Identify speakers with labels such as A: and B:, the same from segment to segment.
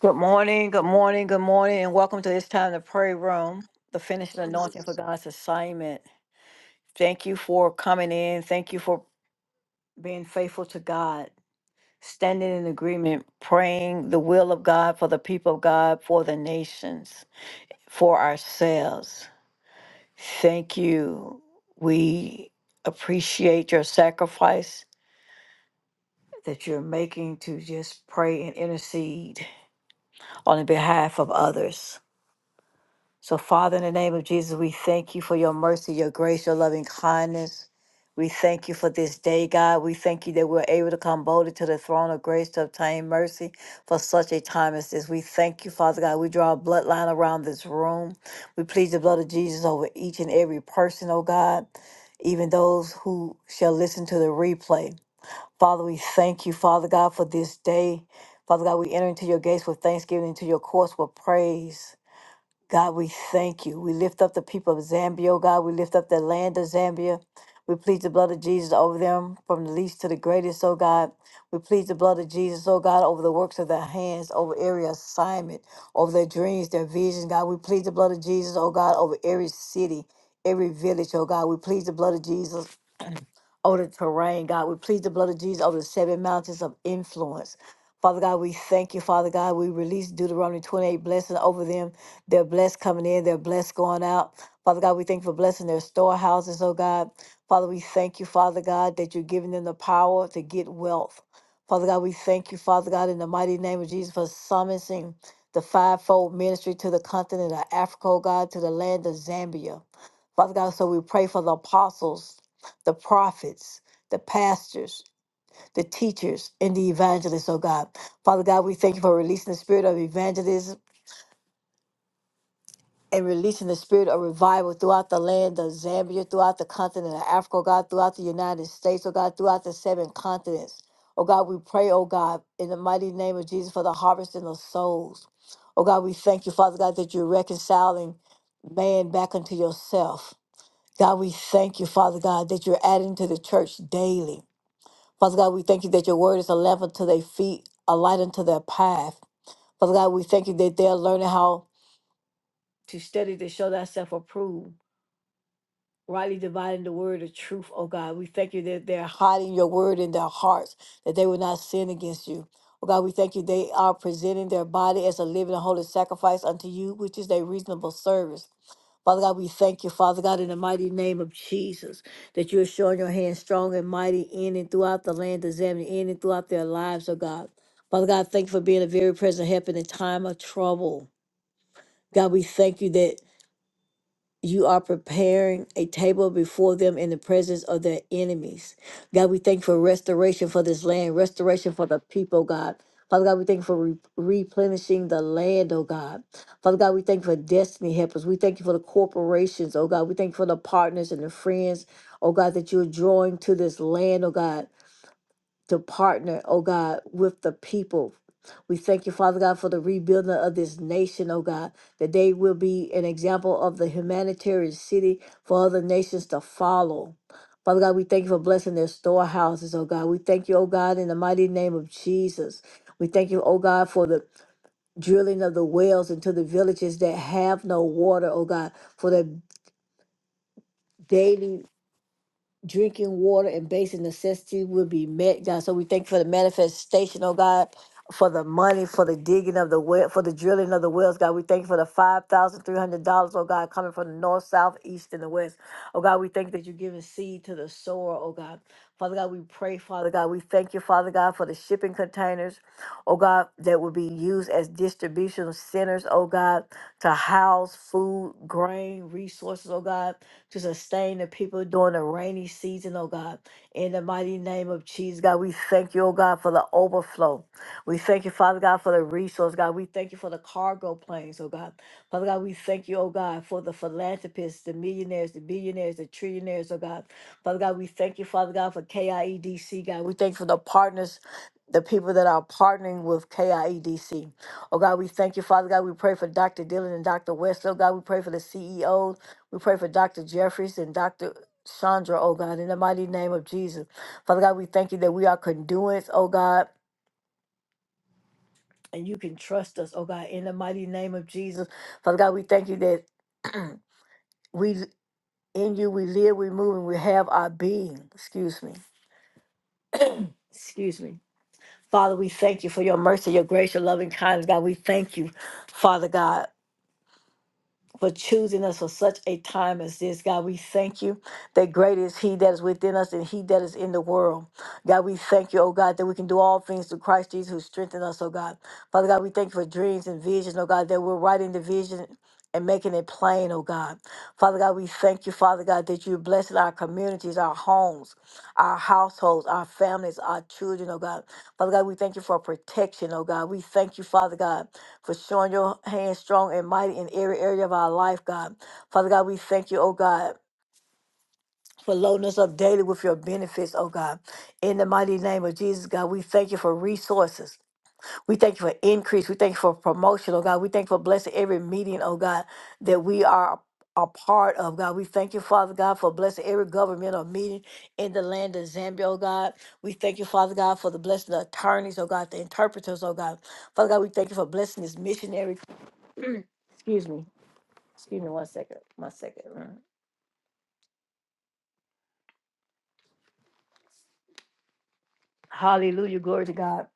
A: Good morning, good morning, good morning, and welcome to this time the prayer room, the finished anointing for God's assignment. Thank you for coming in. Thank you for being faithful to God, standing in agreement, praying the will of God for the people of God, for the nations, for ourselves. Thank you. We appreciate your sacrifice that you're making to just pray and intercede on the behalf of others. So, Father, in the name of Jesus, we thank you for your mercy, your grace, your loving kindness. We thank you for this day, God. We thank you that we're able to come boldly to the throne of grace to obtain mercy for such a time as this. We thank you, Father God. We draw a bloodline around this room. We plead the blood of Jesus over each and every person, oh God, even those who shall listen to the replay. Father, we thank you, Father God, for this day. Father God, we enter into your gates with thanksgiving, into your courts with praise. God, we thank you. We lift up the people of Zambia, oh God. We lift up the land of Zambia. We plead the blood of Jesus over them from the least to the greatest, oh God. We plead the blood of Jesus, oh God, over the works of their hands, over every assignment, over their dreams, their visions, God. We plead the blood of Jesus, oh God, over every city, every village, oh God. We plead the blood of Jesus over the terrain, God. We plead the blood of Jesus over the seven mountains of influence. Father God, we thank you, Father God. We release Deuteronomy 28 blessing over them. They're blessed coming in, they're blessed going out. Father God, we thank you for blessing their storehouses, oh God. Father, we thank you, Father God, that you're giving them the power to get wealth. Father God, we thank you, Father God, in the mighty name of Jesus for summoning the fivefold ministry to the continent of Africa, oh God, to the land of Zambia. Father God, so we pray for the apostles the prophets, the pastors, the teachers, and the evangelists, oh God. Father God, we thank you for releasing the spirit of evangelism and releasing the spirit of revival throughout the land of Zambia, throughout the continent of Africa, oh God, throughout the United States, oh God, throughout the seven continents. Oh God, we pray, oh God, in the mighty name of Jesus for the harvesting of souls. Oh God, we thank you, Father God, that you're reconciling man back unto yourself. God, we thank you, Father God, that you're adding to the church daily. Father God, we thank you that your word is a lamp unto their feet, a light unto their path. Father God, we thank you that they're learning how to study to show thyself approved, rightly dividing the word of truth, oh God. We thank you that they're hiding your word in their hearts, that they will not sin against you. Oh God, we thank you they are presenting their body as a living and holy sacrifice unto you, which is their reasonable service. Father God, we thank you, Father God, in the mighty name of Jesus, that you're showing your hand strong and mighty in and throughout the land of Zambia, in and throughout their lives, oh God. Father God, thank you for being a very present help in a time of trouble. God, we thank you that you are preparing a table before them in the presence of their enemies. God, we thank you for restoration for this land, restoration for the people, God. Father God, we thank you for re- replenishing the land, oh God. Father God, we thank you for destiny helpers. We thank you for the corporations, oh God. We thank you for the partners and the friends, oh God, that you're drawing to this land, oh God to partner, oh God, with the people. We thank you, Father God, for the rebuilding of this nation, oh God, that they will be an example of the humanitarian city for other nations to follow. Father God, we thank you for blessing their storehouses, oh God. We thank you, oh God, in the mighty name of Jesus. We thank you, oh God, for the drilling of the wells into the villages that have no water, oh God, for the daily drinking water and basic necessity will be met, God. So we thank you for the manifestation, oh God, for the money, for the digging of the well, for the drilling of the wells, God. We thank you for the five thousand three hundred dollars, oh God, coming from the north, south, east, and the west. Oh God, we thank you that you're giving seed to the sower, oh God. Father God, we pray, Father God, we thank you, Father God, for the shipping containers, oh God, that will be used as distribution centers, oh God, to house food, grain, resources, oh God to sustain the people during the rainy season, oh God. In the mighty name of Jesus, God, we thank you, oh God, for the overflow. We thank you, Father God, for the resource, God. We thank you for the cargo planes, oh God. Father God, we thank you, oh God, for the philanthropists, the millionaires, the billionaires, the trillionaires, oh God. Father God, we thank you, Father God, for KIEDC, God. We thank you for the partners. The people that are partnering with KIEDC. Oh God, we thank you, Father God. We pray for Dr. Dillon and Dr. West. Oh God, we pray for the CEOs. We pray for Dr. Jeffries and Dr. Chandra, oh God, in the mighty name of Jesus. Father God, we thank you that we are conduits, oh God, and you can trust us, oh God, in the mighty name of Jesus. Father God, we thank you that we in you we live, we move, and we have our being. Excuse me. Excuse me. Father, we thank you for your mercy, your grace, your loving kindness. God, we thank you, Father God. for choosing us for such a time as this. God, we thank you that great is He that is within us and He that is in the world. God, we thank you, oh God, that we can do all things through Christ Jesus who strengthens us, oh God. Father God, we thank you for dreams and visions, oh God, that we're writing the vision. And making it plain, oh God. Father God, we thank you, Father God, that you're blessing our communities, our homes, our households, our families, our children, oh God. Father God, we thank you for protection, oh God. We thank you, Father God, for showing your hand strong and mighty in every area of our life, God. Father God, we thank you, oh God. For loading us up daily with your benefits, oh God. In the mighty name of Jesus, God, we thank you for resources. We thank you for increase. We thank you for promotion, oh God. We thank you for blessing every meeting, oh God, that we are a part of, God. We thank you, Father God, for blessing every governmental meeting in the land of Zambia, oh God. We thank you, Father God, for the blessing of attorneys, oh God, the interpreters, oh God. Father God, we thank you for blessing this missionary. Excuse me. Excuse me one second. One second. Mm. Hallelujah. Glory to God.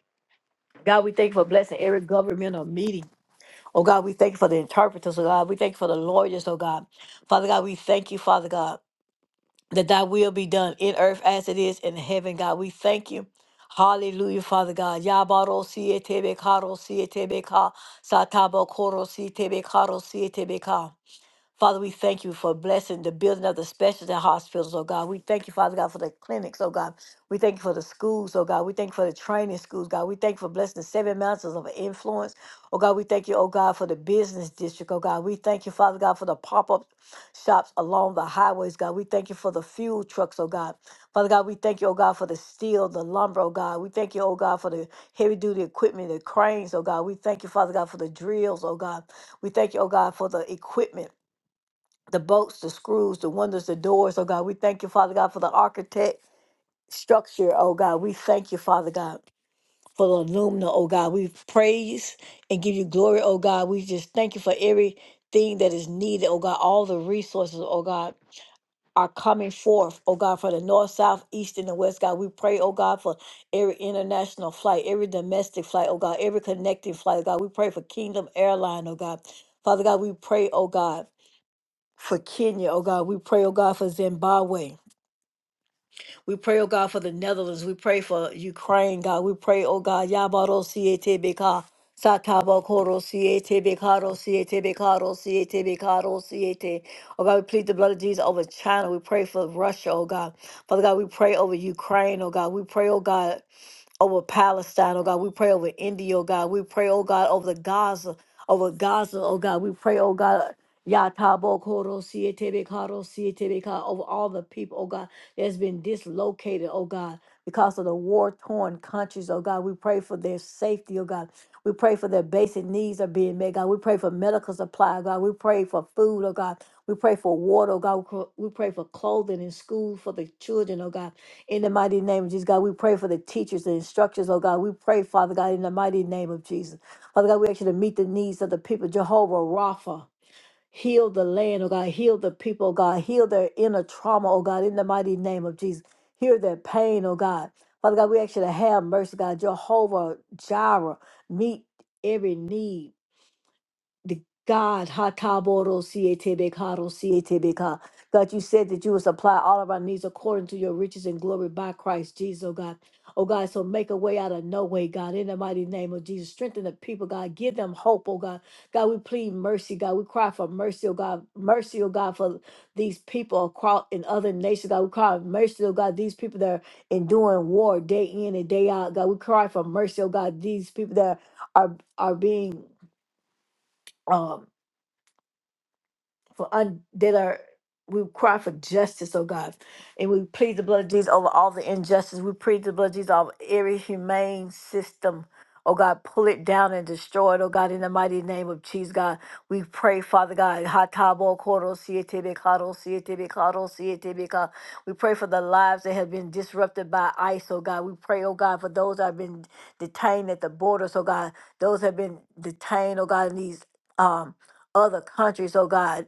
A: God, we thank you for blessing every governmental meeting. Oh God, we thank you for the interpreters, oh God. We thank you for the lawyers, oh God. Father God, we thank you, Father God, that thy will be done in earth as it is in heaven, God. We thank you. Hallelujah, Father God. Yabaro siete bekaro siete beka satabo koro siete bekaro siete beka. Father, we thank you for blessing the building of the specialty hospitals, oh God. We thank you, Father God, for the clinics, oh God. We thank you for the schools, oh God. We thank you for the training schools, God. We thank you for blessing the seven mountains of influence. Oh God, we thank you, oh God, for the business district, oh God. We thank you, Father God, for the pop-up shops along the highways, God. We thank you for the fuel trucks, oh God. Father God, we thank you, oh God, for the steel, the lumber, oh God. We thank you, oh God, for the heavy duty equipment, the cranes, oh God. We thank you, Father God, for the drills, oh God. We thank you, oh God, for the equipment the bolts, the screws, the windows, the doors. Oh God, we thank you, Father God, for the architect structure. Oh God, we thank you, Father God, for the alumna. Oh God, we praise and give you glory. Oh God, we just thank you for everything that is needed. Oh God, all the resources. Oh God. Are coming forth, oh God, for the north, south, east, and the west, God. We pray, oh God, for every international flight, every domestic flight, oh God, every connecting flight, oh God. We pray for Kingdom Airline, oh God. Father God, we pray, oh God for Kenya, oh God. We pray, oh God, for Zimbabwe. We pray, oh God, for the Netherlands. We pray for Ukraine, God. We pray, oh God, Yabaro Siete Beka. Satabo Koro Siete Bekaro Siete Bekaro Siete Bekaro Siete. Oh God, we plead the blood of Jesus over China. We pray for Russia, oh God. Father God, we pray over Ukraine, oh God. We pray, oh God over Palestine, oh God. We pray over India, oh God. We pray, oh God, over the Gaza, over Gaza, oh God. We pray, oh God. Yatabo Koro Sietebe Karo Sietebe Ka over all the people, oh God, that's been dislocated, oh God, because of the war torn countries, oh God. We pray for their safety, oh God. We pray for their basic needs are being met, God. We pray for medical supply, oh God. We pray for food, oh God. We pray for water, oh God. We cro- we pray for clothing and school for the children, oh God. In the mighty name of Jesus, God, we pray for the teachers, the instructors, oh God. We pray, Father God, in the mighty name of Jesus. Father God, we ask you to meet the needs of the people. Jehovah Rapha, heal the land, oh God. Heal the people, oh God. Heal their inner trauma, oh God, in the mighty name of Jesus. Heal their pain, oh God. Father God, we ask you to have mercy, God. Jehovah Jireh, meet every need the God, Hataboro Sietebekaro Sietebeka. God, you said that you would supply all of our needs according to your riches and glory by Christ Jesus, oh God. Oh God, so make a way out of no way, God, in the mighty name of Jesus. Strengthen the people, God. Give them hope, oh God. God, we plead mercy, God. We cry for mercy, oh God. Mercy, oh God, for these people across in other nations, God. We cry for mercy, oh God. These people that are enduring war day in and day out, God. We cry for mercy, oh God. These people that are, are being. Um, for un, that are we cry for justice, oh God, and we plead the blood of Jesus over all the injustice. We plead the blood of Jesus over every humane system. Oh God, pull it down and destroy it. Oh God, in the mighty name of Jesus, God, we pray, Father God. Hatabo koro siete bekaro siete bekaro siete beka. We pray for the lives that have been disrupted by ICE, oh God. We pray, oh God, for those that have been detained at the borders, oh God. Those have been detained, oh God, in these um, other countries, oh God.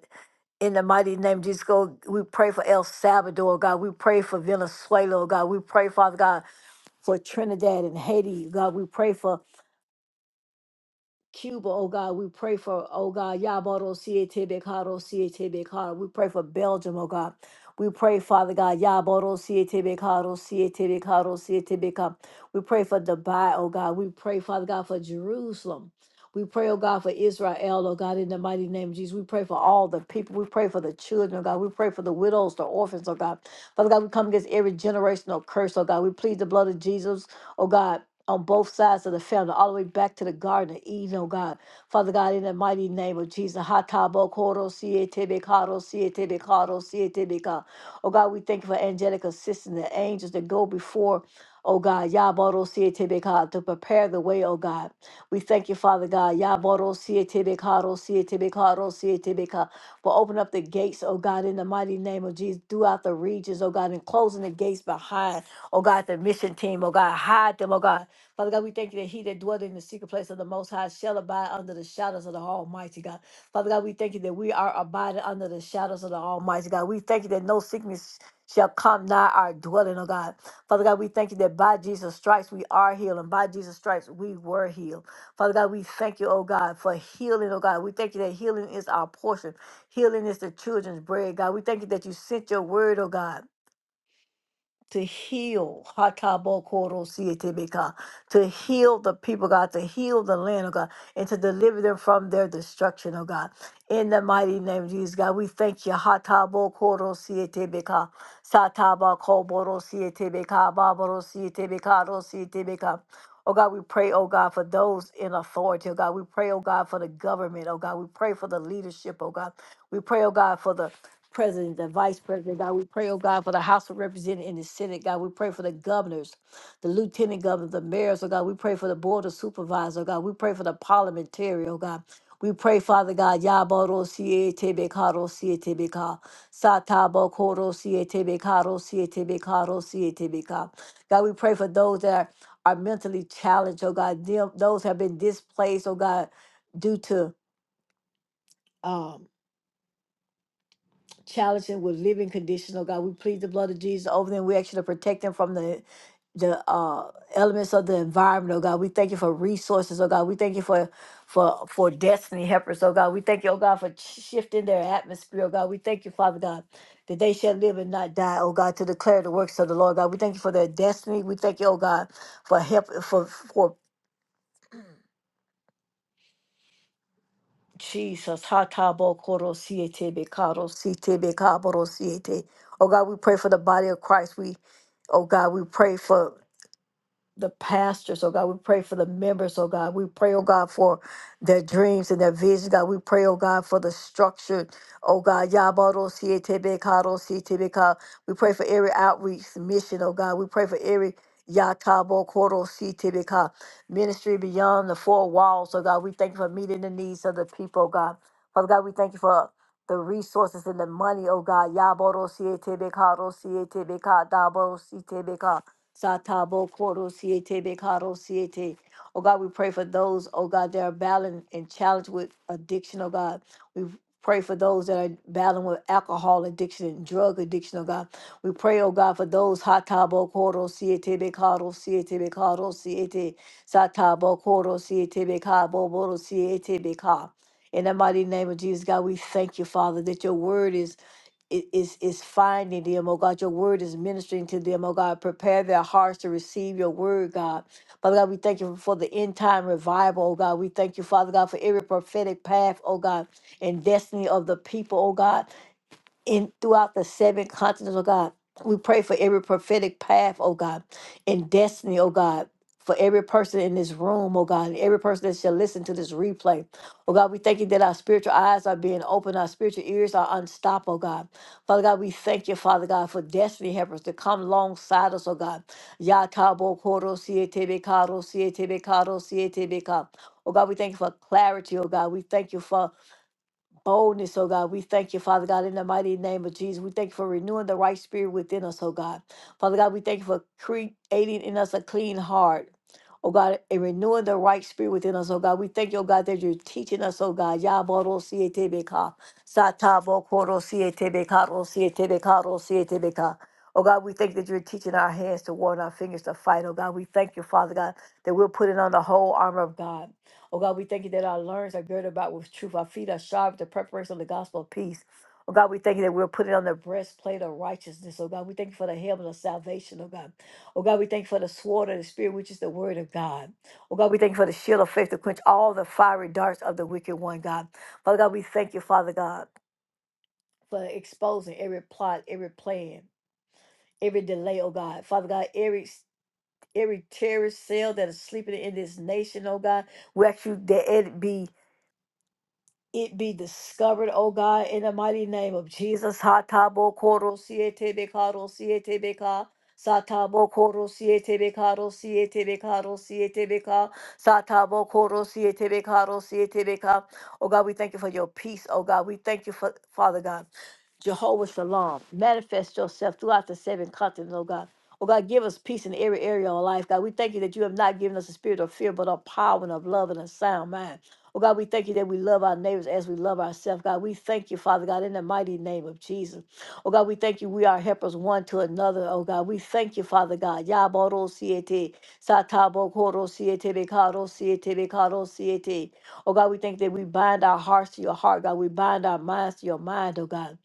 A: In the mighty name of Jesus, God, we pray for El Salvador, God. We pray for Venezuela, God. We pray, Father God, for Trinidad and Haiti, God. We pray for Cuba, oh God, we pray for, oh God, Yaboro Siete Bekaro Siete Bekaro. We pray for Belgium, oh God. We pray, Father God, Yaboro Siete Bekaro Siete Bekaro Siete Bekaro. We pray for Dubai, oh God. We pray, Father God, for Jerusalem. We pray, oh God, for Israel, oh God, in the mighty name of Jesus. We pray for all the people. We pray for the children, oh God. We pray for the widows, the orphans, oh God. Father God, we come against every generational curse, oh God. We plead the blood of Jesus oh God, on both sides of the family, all the way back to the Garden of Eden, oh God. Father God, in the mighty name of Jesus, Hatabo Koro Siete Karo Siete Karo Siete Ka. Oh God, we thank you for angelic assistance, the angels that go before. Oh God, Yaboro Siete Ka, to prepare the way, oh God. We thank you, Father God, Yaboro Siete Karo Siete Karo Siete Ka, for open up the gates, oh God, in the mighty name of Jesus, throughout the regions, oh God, and closing the gates behind Oh God, the mission team, oh God, hide them, oh God. Father God, we thank you that he that dwelleth in the secret place of the Most High shall abide under the shadows of the Almighty God. Father God, we thank you that we are abiding under the shadows of the Almighty God. We thank you that no sickness shall come nigh our dwelling, oh God. Father God, we thank you that by Jesus' stripes we are healed, and by Jesus' stripes we were healed. Father God, we thank you, oh God, for healing, oh God. We thank you that healing is our portion. Healing is the children's bread, God. We thank you that you sent your word, oh God to heal Hatabokoro to heal the people, God, to heal the land, oh God, and to deliver them from their destruction, oh God. In the mighty name of Jesus, God, we thank you. Hatabokoro Sietebeka, Satabakoboro Sietebeka, Baboro Sietebeka, Rosietebeka. Oh God, we pray, oh God, for those in authority, oh God. We pray, oh God, for the government, oh God. We pray for the leadership, oh God. We pray, oh God, for the president, the vice president, God. We pray, oh God, for the House of Representatives and the Senate, God. We pray for the governors, the lieutenant governors, the mayors, oh God. We pray for the board of supervisors, oh God. We pray for the parliamentary, oh God. We pray, Father God, Yaboro Siete Bekaro Siete Beka, Satabo Koro Siete Bekaro Siete Bekaro Siete Beka. God, we pray for those that are, mentally challenged, oh God, them, those have been displaced, oh God, due to um, challenging with living conditional God. We plead the blood of Jesus over them. We actually protect them from the the uh, elements of the environment, oh God. We thank you for resources, oh God. We thank you for for for destiny helpers, oh God. We thank you, oh God, for shifting their atmosphere, oh God. We thank you, Father God, that they shall live and not die, oh God, to declare the works of the Lord, God. We thank you for their destiny. We thank you, oh God, for help for for Jesus, hatabo koro siete bekaro siete bekaboro siete. Oh God, we pray for the body of Christ. We, oh God, we pray for the pastors, oh God. We pray for the members, oh God. We pray, oh God, for their dreams and their visions, God. We pray, oh God, for the structure, oh God. Yabado sietebe kado sietebe ka. We pray for every outreach mission, oh God. We pray for every Yatabo Koro sietebe ka. ministry beyond the four walls, oh God. We thank you for meeting the needs of the people, oh God. Father God, we thank you for the resources and the money, oh God. Yaboro sietebe kado sietebe ka. Dabo sietebe ka. Satabo Koro Siete Bekaro Siete. Oh God, we pray for those, oh God, that are battling and challenged with addiction, oh God. We pray for those that are battling with alcohol addiction and drug addiction, oh God. We pray, oh God, for those Hatabo Koro Siete Bekaro Siete Bekaro Siete Satabo Koro Siete Bekabo Boro Siete Bekaro. In the mighty name of Jesus, God, we thank you, Father, that your word is i- is is finding them, oh God. Your word is ministering to them, oh God. Prepare their hearts to receive your word, God. Father God, we thank you for the end time revival, oh God. We thank you, Father God, for every prophetic path, oh God, and destiny of the people, oh God in throughout the seven continents, oh God. We pray for every prophetic path, oh God, and destiny, oh God. For every person in this room, oh God, and every person that shall listen to this replay. Oh God, we thank you that our spiritual eyes are being opened, our spiritual ears are unstopped, oh God. Father God, we thank you, Father God, for destiny helpers to come alongside us, oh God. Yakabo Koro Sietebe Karo Sietebe Karo Sietebe Ka. Oh God, we thank you for clarity, oh God. We thank you for boldness, oh God. We thank you, Father God, in the mighty name of Jesus. We thank you for renewing the right spirit within us, oh God. Father God, we thank you for creating in us a clean heart. Oh God, and renewing the right spirit within us, oh God. We thank you, oh God, that you're teaching us, oh God. Yaboro sietebeka. Satabo koro sietebeka, ro sietebeka, ro sietebeka. Oh God, we thank that you're teaching our hands to war and our fingers to fight. Oh God, we thank you, Father God, that we're putting on the whole armor of God. Oh God, we thank you that our learns are girded about with truth. Our feet are sharp, with the preparation of the gospel of peace. Oh God, we thank you that we're putting on the breastplate of righteousness. Oh God, we thank you for the helmet of salvation, oh God. Oh God, we thank you for the sword of the spirit, which is the word of God. Oh God, we thank you for the shield of faith to quench all the fiery darts of the wicked one, God. Father God, we thank you, Father God, for exposing every plot, every plan, every delay, oh God. Father God, every every terrorist cell that is sleeping in this nation, oh God. We ask you that it be it be discovered, oh God, in the mighty name of Jesus. Hatabo koro siete bekaro siete beka. Satabo koro siete bekaro siete bekaro siete beka. Satabo koro siete bekaro siete beka. Oh God, we thank you for your peace. Oh God, we thank you for Father God. Jehovah Shalom. Manifest yourself throughout the seven continents, oh God. Oh God, give us peace in every area of our life, God. We thank you that you have not given us a spirit of fear, but of power and of love and a sound mind. Oh God, we thank you that we love our neighbors as we love ourselves, God. We thank you, Father God, in the mighty name of Jesus. Oh God, we thank you. We are helpers one to another, oh God. We thank you, Father God. Yaboro siete, satabo koro siete, bekaro siete, bekaro siete. Oh God, we thank that we bind our hearts to your heart, God. We bind our minds to your mind, oh God.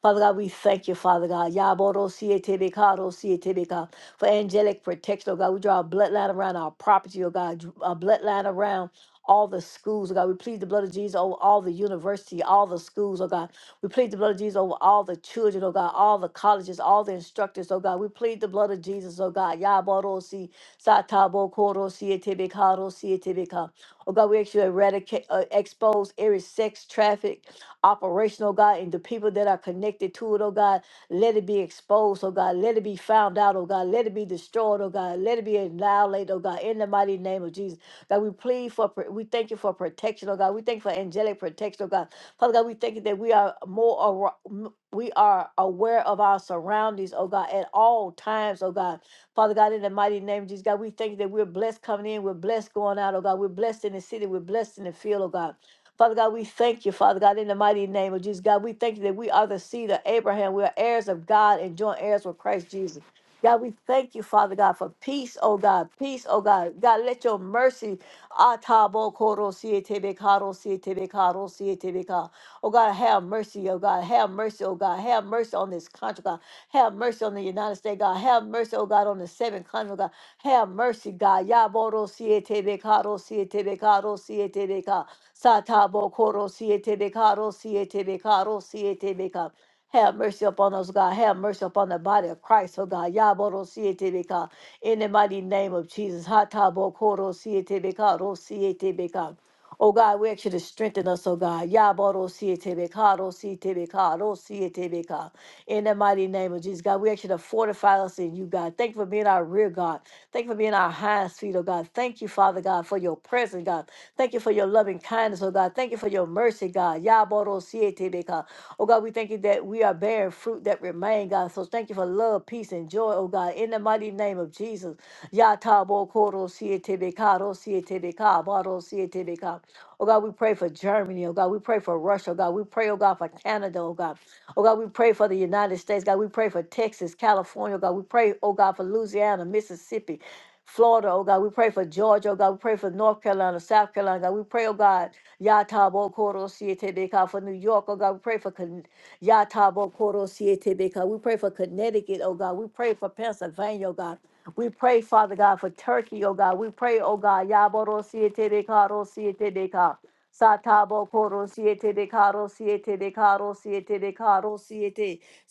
A: Father God, we thank you, Father God. Yaboro siete bekado siete beka. For angelic protection, oh God. We draw a bloodline around our property, oh God. A bloodline around all the schools, oh God. We plead the blood of Jesus over all the university, all the schools, oh God. We plead the blood of Jesus over all the children, oh God, all the colleges, all the instructors, oh God. We plead the blood of Jesus, oh God. Yaboro si satabo koro siete bekado siete beka. Oh God, we actually eradicate, uh, expose every sex traffic operational, God, and the people that are connected to it, oh God. Let it be exposed, oh God. Let it be found out, oh God. Let it be destroyed, oh God. Let it be annihilated, oh God, in the mighty name of Jesus. God, we plead for, pr- we thank you for protection, oh God. We thank you for angelic protection, oh God. Father God, we thank you that we are more, awa- m- we are aware of our surroundings, oh God, at all times, oh God. Father God, in the mighty name of Jesus, God, we thank you that we're blessed coming in, we're blessed going out, oh God. We're blessed in the city, we're blessed in the field, oh God. Father God, we thank you, Father God, in the mighty name of Jesus. God, we thank you that we are the seed of Abraham. We are heirs of God and joint heirs with Christ Jesus. God, we thank you, Father God, for peace, oh God, peace, oh God. God, let your mercy. Atabo koro siete be siete be karo siete beka. Oh God, have mercy, oh God, have mercy, oh God, have mercy on this country, God. Have mercy on the United States, God. Have mercy, oh God, on the seven countries, God. Have mercy, God. Yaboro siete bekaro siete bekaro siete beka. Satabo koro siete bekaro siete bekaro siete beka. Have mercy upon us, God. Have mercy upon the body of Christ, oh God. Yaboro siete beka. In the mighty name of Jesus. Hatabo koro siete bekaro siete beka. Oh God, we ask you to strengthen us, oh God. Yaboro sietebeka, sietebeka, sietebeka. In the mighty name of Jesus, God, we ask you to fortify us in you, God. Thank you for being our rear, God. Thank you for being our hind feet, oh God. Thank you, Father God, for your presence, God. Thank you for your loving kindness, oh God. Thank you for your mercy, God. Yaborosietebeka. Oh God, we thank you that we are bearing fruit that remain, God. So thank you for love, peace, and joy, oh God. In the mighty name of Jesus. Yatabokorosietebeka, rosietebeka, barosietebeka. Oh God, we pray for Germany. Oh God, we pray for Russia. Oh God, we pray, oh God, for Canada. Oh God, oh God, we pray for the United States. God, we pray for Texas, California. Oh God, we pray, oh God, for Louisiana, Mississippi. Florida, oh God. We pray for Georgia, oh God. We pray for North Carolina, South Carolina, God. We pray, oh God, Yatabo Koro Sietebeka for New York, oh God. We pray for Con- Yatabo Koro Sietebeka. We pray for Connecticut, oh God. We pray for Pennsylvania, oh God. We pray, Father God, for Turkey, oh God. We pray, oh God, Yaboro Sietebeka, Ro Sietebeka. Satabo Koro Siete de Caro Siete de Caro Siete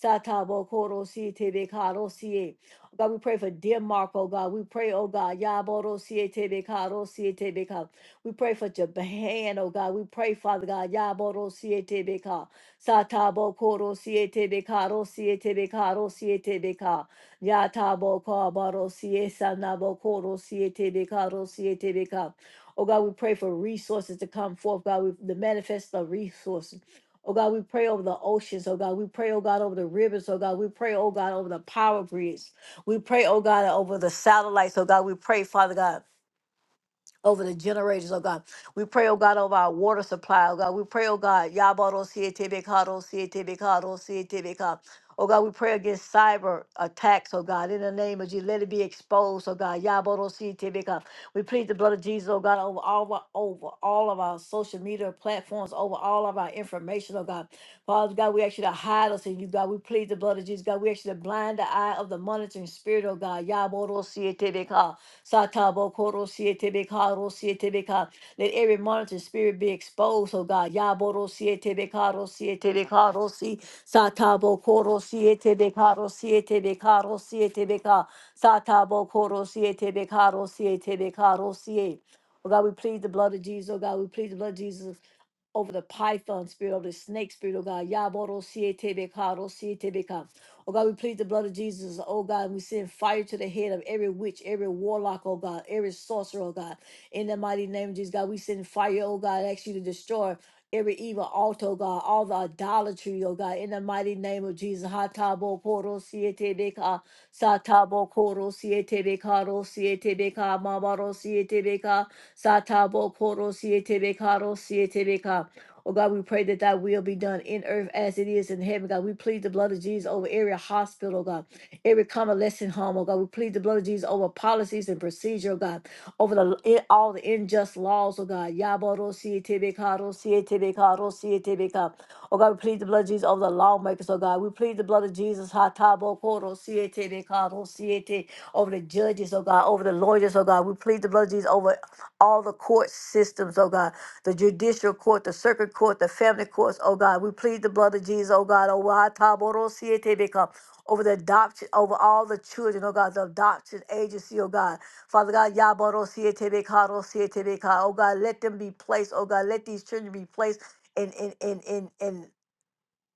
A: Satabo Koro Sietebeka, Ro Siete de Caro God, we pray for dear Mark, oh God. We pray, oh God, Yaboro Siete Beka, Ro Siete Beka. We pray for Japan, oh God. We pray, Father God, Yaboro Siete Beka, Satabo Koro Siete Beka, Ro Siete Beka, Ro Siete Beka, Yatabo Kabaro Siesa Nabo Koro Siete Beka, Siete Beka. Oh God, we pray for resources to come forth, God, we, the manifest of resources. Oh God, we pray over the oceans, oh God. We pray, oh God, over the rivers, oh God. We pray, oh God, over the power grids. We pray, oh God, over the satellites, oh God. We pray, Father God over the generators, oh God. We pray, oh God, over our water supply, oh God. We pray, oh God, Yaboro Sietebekado, Sietebekado, Sietebekado. Oh God, we pray against cyber attacks, oh God, in the name of Jesus. Let it be exposed, oh God. Yaboro Sietebekado. We plead the blood of Jesus, oh God, over all, of our, over all of our social media platforms, over all of our information, oh God. Father God, we ask you to hide us in you, God. We plead the blood of Jesus, God. We ask you to blind the eye of the monitoring spirit, oh God. Yaboro Sietebekado. Satabo koro Siete Beka ro Korosietebeka Rosietebeka. Let every monitoring spirit be exposed, oh God. Yaboro Siete Beka ro Yaborosietebeka ro si. Satabo koro Siete Beka ro Siete Beka ro Rosietebeka Rosietebeka Satabo koro Siete Beka ro Korosietebeka ro Rosie. Oh God, we plead the blood of Jesus. Oh God, we plead the blood of Jesus over the python spirit, over the snake spirit, oh God. Yaboro sietebekaro sietebeka. Oh God, we plead the blood of Jesus, oh God, and we send fire to the head of every witch, every warlock, oh God, every sorcerer, oh God. In the mighty name of Jesus, God, we send fire, oh God, I ask you to destroy every evil altar, oh God, all the idolatry, oh God, in the mighty name of Jesus. Hatabo poro sietebeka, satabo koro sietebekaro sietebeka, mamaro sietebeka. Satabo Koro Sietebekaro Sietebeka. Oh God, we pray that thy will be done in earth as it is in heaven. God, we plead the blood of Jesus over every hospital, God, every convalescent home, oh God. We plead the blood of Jesus over policies and procedure, oh God over the in, all the unjust laws, oh God. Yabarosietebeka. rosietebeka, rosietebeka. Oh God, we plead the blood of Jesus over the lawmakers, oh God. We plead the blood of Jesus, hatabokoro, over the judges, oh God, over the lawyers, oh God. We plead the blood of Jesus over all the court systems systems, oh God, the judicial court, the circuit court, the family courts, oh God. We plead the blood of Jesus, oh God, oh Wa Ta Bo Ro Si E Te Be Ka, over the adoption, over all the children, oh God, the adoption agency, oh God. Father God, Ya Bo Ro Si E Te Be Ka Ro Si E Te Be Ka, oh God, let them be placed, oh God, let these children be placed in in in in in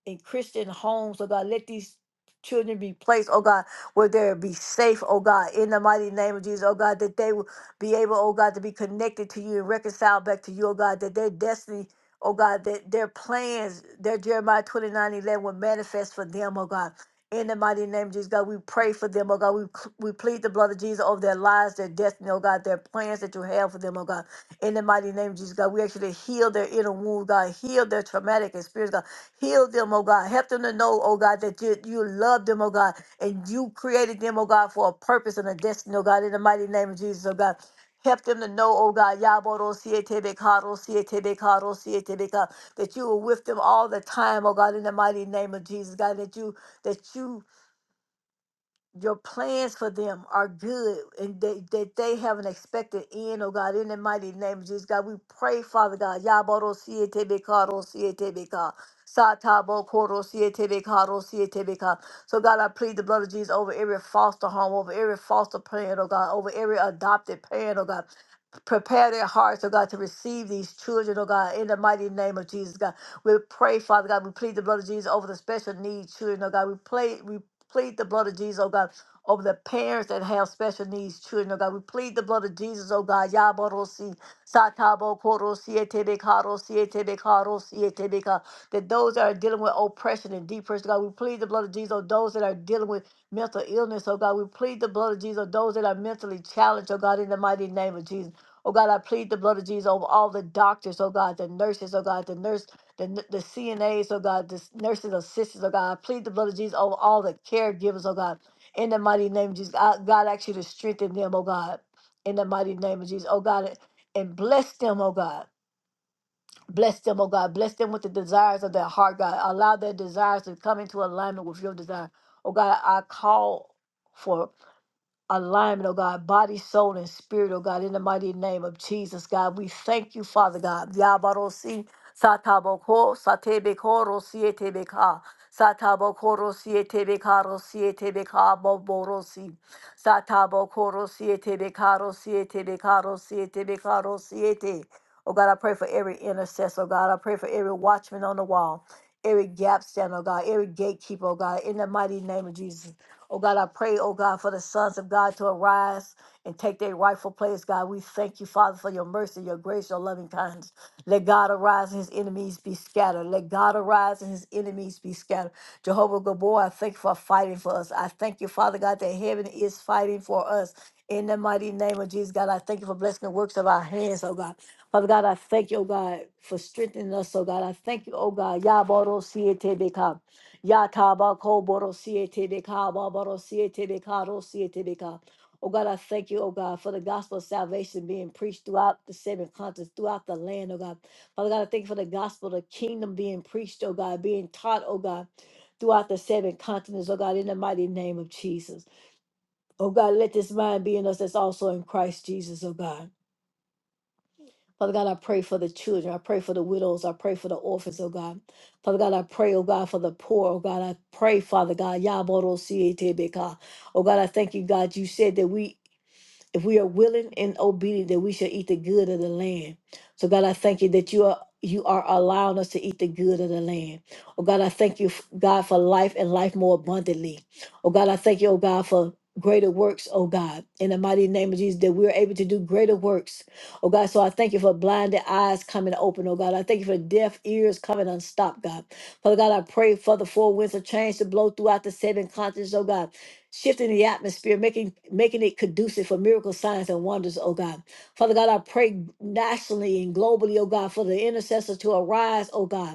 A: in Christian homes, oh God. Let these children be placed, oh God, where they'll be safe, oh God, in the mighty name of Jesus, oh God, that they will be able, oh God, to be connected to you and reconciled back to you, oh God, that their destiny, oh God, that their plans, their Jeremiah 29 11, will manifest for them, oh God. In the mighty name of Jesus, God, we pray for them, oh God. We, cl- we plead the blood of Jesus over their lives, their destiny, oh God, their plans that you have for them, oh God. In the mighty name of Jesus, God, we actually heal their inner wound, God. Heal their traumatic experience, God Heal them, oh God. Help them to know, oh God, that you, you love them, oh God, and you created them, oh God, for a purpose and a destiny, oh God, in the mighty name of Jesus, oh God. Help them to know, oh God, Yaboro Sietebekaro, Sietebekaro, Sietebeka, that you are with them all the time, oh God, in the mighty name of Jesus, God, that you that you your plans for them are good and they, that they have an expected end, oh God, in the mighty name of Jesus, God, we pray, Father God, Yaboro siete bekaro siete beka, Satabo koro siete bekaro siete beka. So God, I plead the blood of Jesus over every foster home, over every foster parent, oh God, over every adopted parent, oh God prepare their hearts, oh God, to receive these children, oh God, in the mighty name of Jesus, God. We pray, Father God, we plead the blood of Jesus over the special needs children, oh God. We play, we plead the blood of Jesus, oh God. Over the parents that have special needs children, oh God. We plead the blood of Jesus, oh God. Yaborosi, Satabo, Koro, Sietebe, Karo, Sietebe, Karo, Sietebe, Ka. That those that are dealing with oppression and depression, God, we plead the blood of Jesus, oh, those that are dealing with mental illness, oh God. We plead the blood of Jesus, oh, those that are mentally challenged, oh God, in the mighty name of Jesus. Oh God, I plead the blood of Jesus over all the doctors, oh God, the nurses, oh God, the nurse, the, n- the CNAs, oh God, the s- nurses assistants, oh God. I plead the blood of Jesus over all the caregivers, oh God. In the mighty name of Jesus, I, God, I ask you to strengthen them, oh God. In the mighty name of Jesus, oh God, and bless them, oh God. Bless them, oh God. Bless them with the desires of their heart, God. Allow their desires to come into alignment with your desire. Oh God, I call for alignment, oh God, body, soul, and spirit, oh God, in the mighty name of Jesus, God. We thank you, Father God. Yabarosi sataboko satebekoro sietebeka. Satabokoro sietebekaro sietebeka boborosi. Satabokoro sietebekaro sietebekaro sietebekaro siete. Oh God, I pray for every intercessor, oh God. I pray for every watchman on the wall. Every gap stand, oh God, every gatekeeper, oh God, in the mighty name of Jesus. Oh God, I pray, oh God, for the sons of God to arise and take their rightful place. God, we thank you, Father, for your mercy, your grace, your loving kindness. Let God arise and his enemies be scattered. Let God arise and his enemies be scattered. Jehovah Gabor, I thank you for fighting for us. I thank you, Father God, that heaven is fighting for us. In the mighty name of Jesus, God, I thank you for blessing the works of our hands, oh God. Father God, I thank you, oh God, for strengthening us, oh God. I thank you, oh God. Yabodo siete beka. Yataba ko borosiete de ka ba borosiete de ka rosiete de ka. Oh God, I thank you, oh God, for the gospel of salvation being preached throughout the seven continents, throughout the land, oh God. Father God, I thank you for the gospel, the kingdom being preached, oh God, being taught, oh God, throughout the seven continents, oh God, in the mighty name of Jesus. Oh God, let this mind be in us that's also in Christ Jesus, oh God. Father God, I pray for the children. I pray for the widows. I pray for the orphans, oh God. Father God, I pray, oh God, for the poor, oh God. I pray, Father God. Yaboro siete beka. Oh God, I thank you, God. You said that we if we are willing and obedient that we shall eat the good of the land so god i thank you that you are you are allowing us to eat the good of the land oh god i thank you f- god for life and life more abundantly oh god i thank you oh god for greater works oh god in the mighty name of jesus that we're able to do greater works oh god so i thank you for blinded eyes coming open oh god i thank you for deaf ears coming unstopped god father god i pray for the four winds of change to blow throughout the seven continents oh god shifting the atmosphere, making making it conducive for miracle signs and wonders, oh God. Father God, I pray nationally and globally, oh God, for the intercessors to arise, oh God.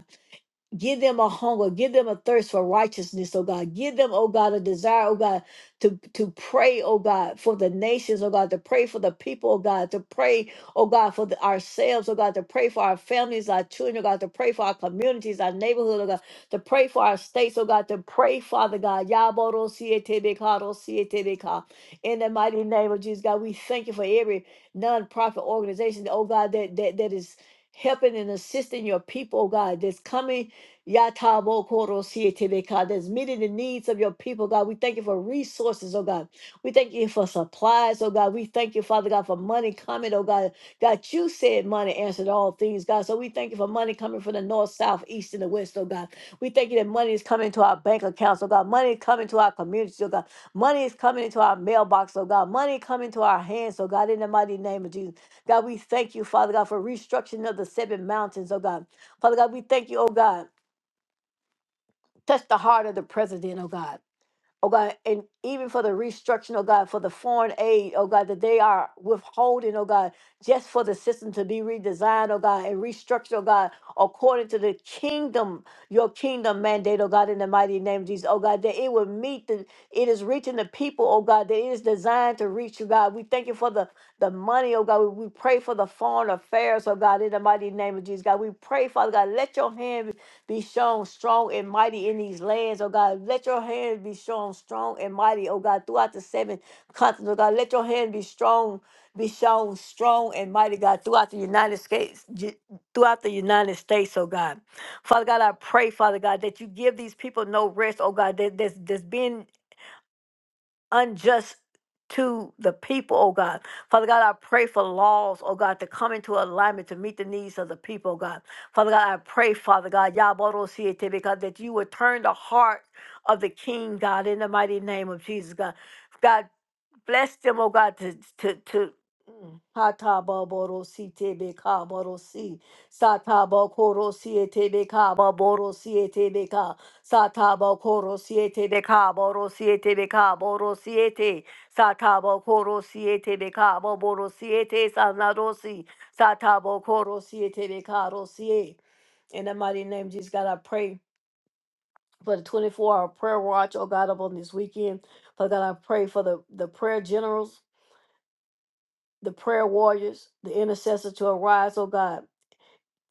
A: Give them a hunger, give them a thirst for righteousness, oh God. Give them, oh God, a desire, oh God, to, to pray, oh God, for the nations, oh God, to pray for the people, oh God, to pray, oh God, for the, ourselves, oh God, to pray for our families, our children, oh God, to pray for our communities, our neighborhood, oh God, to pray for our states, oh God, to pray, Father God. Yaboro siete de ka, siete de ka. In the mighty name of Jesus, God, we thank you for every nonprofit organization, oh God, that that, that is helping and assisting your people, oh God, that's coming Yatabo Koro Sietebe, God, that's meeting the needs of your people, God. We thank you for resources, oh God. We thank you for supplies, oh God. We thank you, Father God, for money coming, oh God. God, you said money answered all things, God. So we thank you for money coming from the north, south, east, and the west, oh God. We thank you that money is coming to our bank accounts, oh God. Money is coming to our communities, oh God. Money is coming into our mailbox, oh God. Money coming to our hands, oh God, in the mighty name of Jesus. God, we thank you, Father God, for restructuring of the seven mountains, oh God. Father God, we thank you, oh God. Touch the heart of the president, oh God. Oh God, and even for the restructuring, oh God, for the foreign aid, oh God, that they are withholding, oh God, just for the system to be redesigned, oh God, and restructured, oh God, according to the kingdom, your kingdom mandate, oh God, in the mighty name of Jesus, oh God, that it will meet the, it is reaching the people, oh God, that it is designed to reach you, God. We thank you for the, the money, oh God. We we pray for the foreign affairs, oh God, in the mighty name of Jesus, God. We pray, Father God, let your hand be shown strong and mighty in these lands, oh God. Let your hand be shown strong and mighty, oh God, throughout the seven continents, oh God. Let your hand be strong, be shown strong and mighty, God, throughout the United States, Ju- throughout the United States, oh God. Father God, I pray, Father God, that you give these people no rest, oh God, that, that's, that's being unjust to the people, oh God. Father God, I pray for laws, oh God, to come into alignment to meet the needs of the people, oh God. Father God, I pray, Father God, Yabarosiete, God, that you would turn the heart of the king, God, in the mighty name of Jesus, God. God, Bless them, oh God, to to to Mm. Hata baboro si tebe ka boro si sata bakoro si etebe ka baboro si etebe ka sata bakoro si etebe ka boro si etebe ka boro si ete sata bakoro si etebe ka baboro si ete sanaro si sata bakoro si etebe ka ro si e. In the mighty name of Jesus, God, I pray for the 24-hour prayer watch, oh God, up on this weekend. Father God, I pray for the the prayer generals the prayer warriors, the intercessors to arise, oh God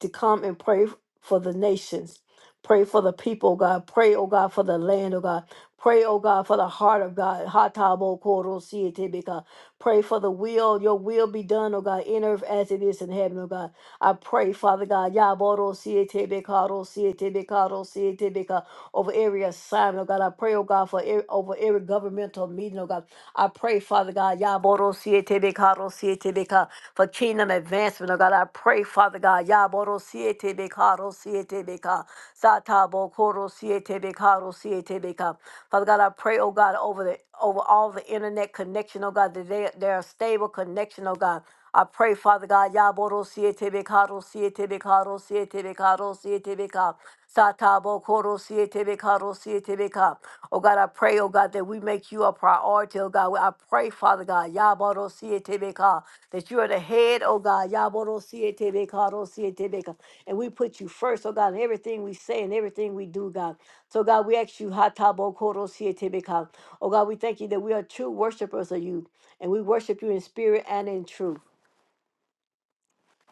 A: to come and pray for the nations. Pray for the people, oh God. Pray, oh God, for the land, oh God. Pray, oh God, for the heart of God. Hatabo koro sietebeka. Pray for the will. Your will be done, oh God, in earth as it is in heaven, oh God. I pray, Father God, Yaboro sietebeka, ro sietebeka, ro sietebeka, over every assignment, oh God. I pray, oh God, for every, over every governmental meeting, oh God. I pray, Father God, Yaboro sietebeka, ro sietebeka for kingdom advancement. Oh God, I pray, Father God, Yaboro Siete Bekaro Siete Beka, Satabo Koro Siete Bekaro Siete Beka. Father God, I pray, oh God, over the over all the internet connection, oh God, that they they are stable connection, oh God. I pray, Father God, Yaboro Siete Bekaro Siete Bekaro Siete Bekaro Siete Beka. Satabo Koro Siete Bekaro Siete Beka. Oh God, I pray pray, oh God, that we make you a priority, oh God. I pray, Father God, Yabarosietebeka, that you are the head, oh God, Yabarosietebeka, Rosietebeka. And we put you first, oh God, in everything we say and everything we do, God. So, God, we ask you, Hatabokorosietebeka. oh God, we thank you that we are true worshipers of you, and we worship you in spirit and in truth.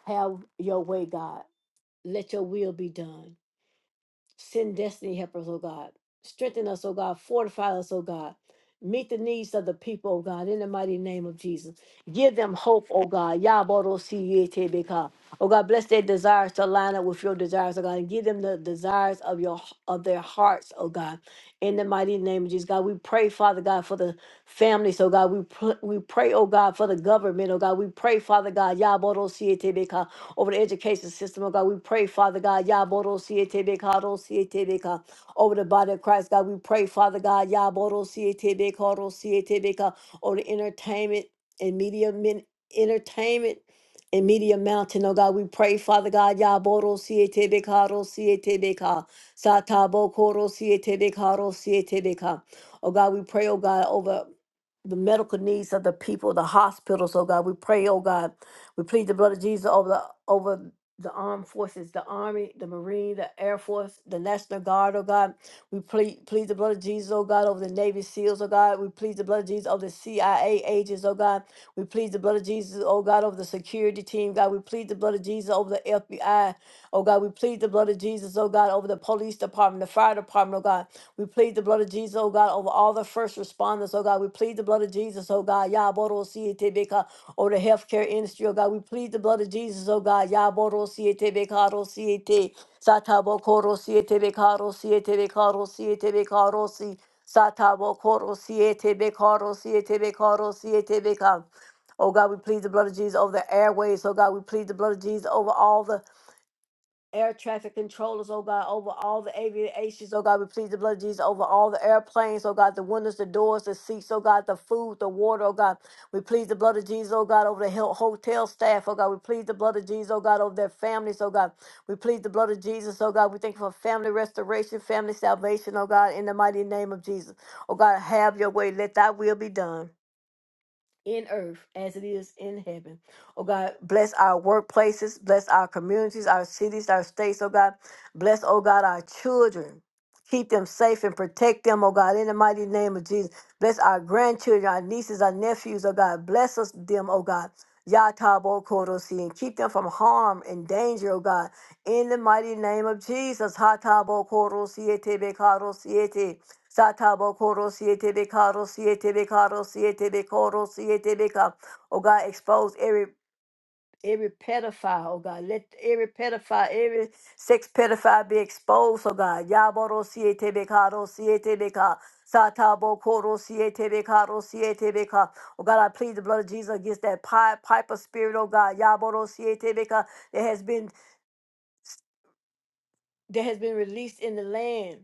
A: Have your way, God. Let your will be done. Send destiny helpers, oh God. Strengthen us, oh God. Fortify us, oh God. Meet the needs of the people, oh God, in the mighty name of Jesus. Give them hope, oh God. Yabarosiyetebeka. Oh God, bless their desires to line up with your desires, oh God, and give them the desires of your of their hearts, oh God. In the mighty name of Jesus, God, we pray, Father God, for the families, oh God. We pr- we pray, oh God, for the government, oh God. We pray, Father God, Yabarosiyetebeka, over the education system, oh God. We pray, Father God, Yabodo Sietebekado Sietebeka, over the body of Christ, God. We pray, Father God, Yabodo Sietebekado Sietebeka, over the entertainment and media min- entertainment and media mountain, oh God. We pray, Father God, Yabodo Sietebekado Sietebeka, Satabo Koro Sietebekado Sietebeka. Oh God, we pray, oh God, over the medical needs of the people, the hospitals, oh God. We pray, oh God. We plead the blood of Jesus over the over the armed forces, the army, the marine, the air force, the national guard, oh God. We plead plead the blood of Jesus, oh God, over the Navy SEALs, oh God. We plead the blood of Jesus over the CIA agents, oh God. We plead the blood of Jesus, oh God, over the security team. God, we plead the blood of Jesus over the FBI. Oh God, we plead the blood of Jesus, oh God, over the police department, the fire department, oh God. We plead the blood of Jesus, oh God, over all the first responders, oh God. We plead the blood of Jesus, oh God. Yaboro sietebeka, over the healthcare industry, oh God. We plead the blood of Jesus, oh God. Yaboro sietebeka, ro siete. Satabo koro sietebeka, ro sietebeka, ro sietebeka, ro si. Satabo koro sietebeka, ro sietebeka, ro sietebeka. Oh God, we plead the blood of Jesus over the airways. Oh God, we plead the blood of Jesus over all the air traffic controllers. Oh God, over all the aviations. Oh God, we plead the blood of Jesus over all the airplanes. Oh God, the windows, the doors, the seats. Oh God, the food, the water. Oh God, we plead the blood of Jesus. Oh God, over the hel- hotel staff. Oh God, we plead the blood of Jesus. Oh God, over their families. Oh God, we plead the blood of Jesus. Oh God, we thank you for family restoration, family salvation. Oh God, in the mighty name of Jesus. Oh God, have your way. Let thy will be done in earth as it is in heaven. Oh God, bless our workplaces, bless our communities, our cities, our states, oh God. Bless, oh God, our children. Keep them safe and protect them, oh God, in the mighty name of Jesus. Bless our grandchildren, our nieces, our nephews, oh God. Bless us them, oh God. Yatabo Korosi and keep them from harm and danger, oh God. In the mighty name of Jesus. Hatabo Korosi Etebe Satabo Koro Sietebe Karo Sietebe Karo Sietebe Koro Sietebe Ka. Oh God, expose every every pedophile, oh God. Let every pedophile, every sex pedophile be exposed, oh God. Yaboro Sietebe Karo Sietebe Ka. Satabo Koro Sietebe Karo Sietebe Ka. Oh God, I plead the blood of Jesus against that pi- piper spirit, oh God. Yaboro Sietebe Ka that has been that has been released in the land.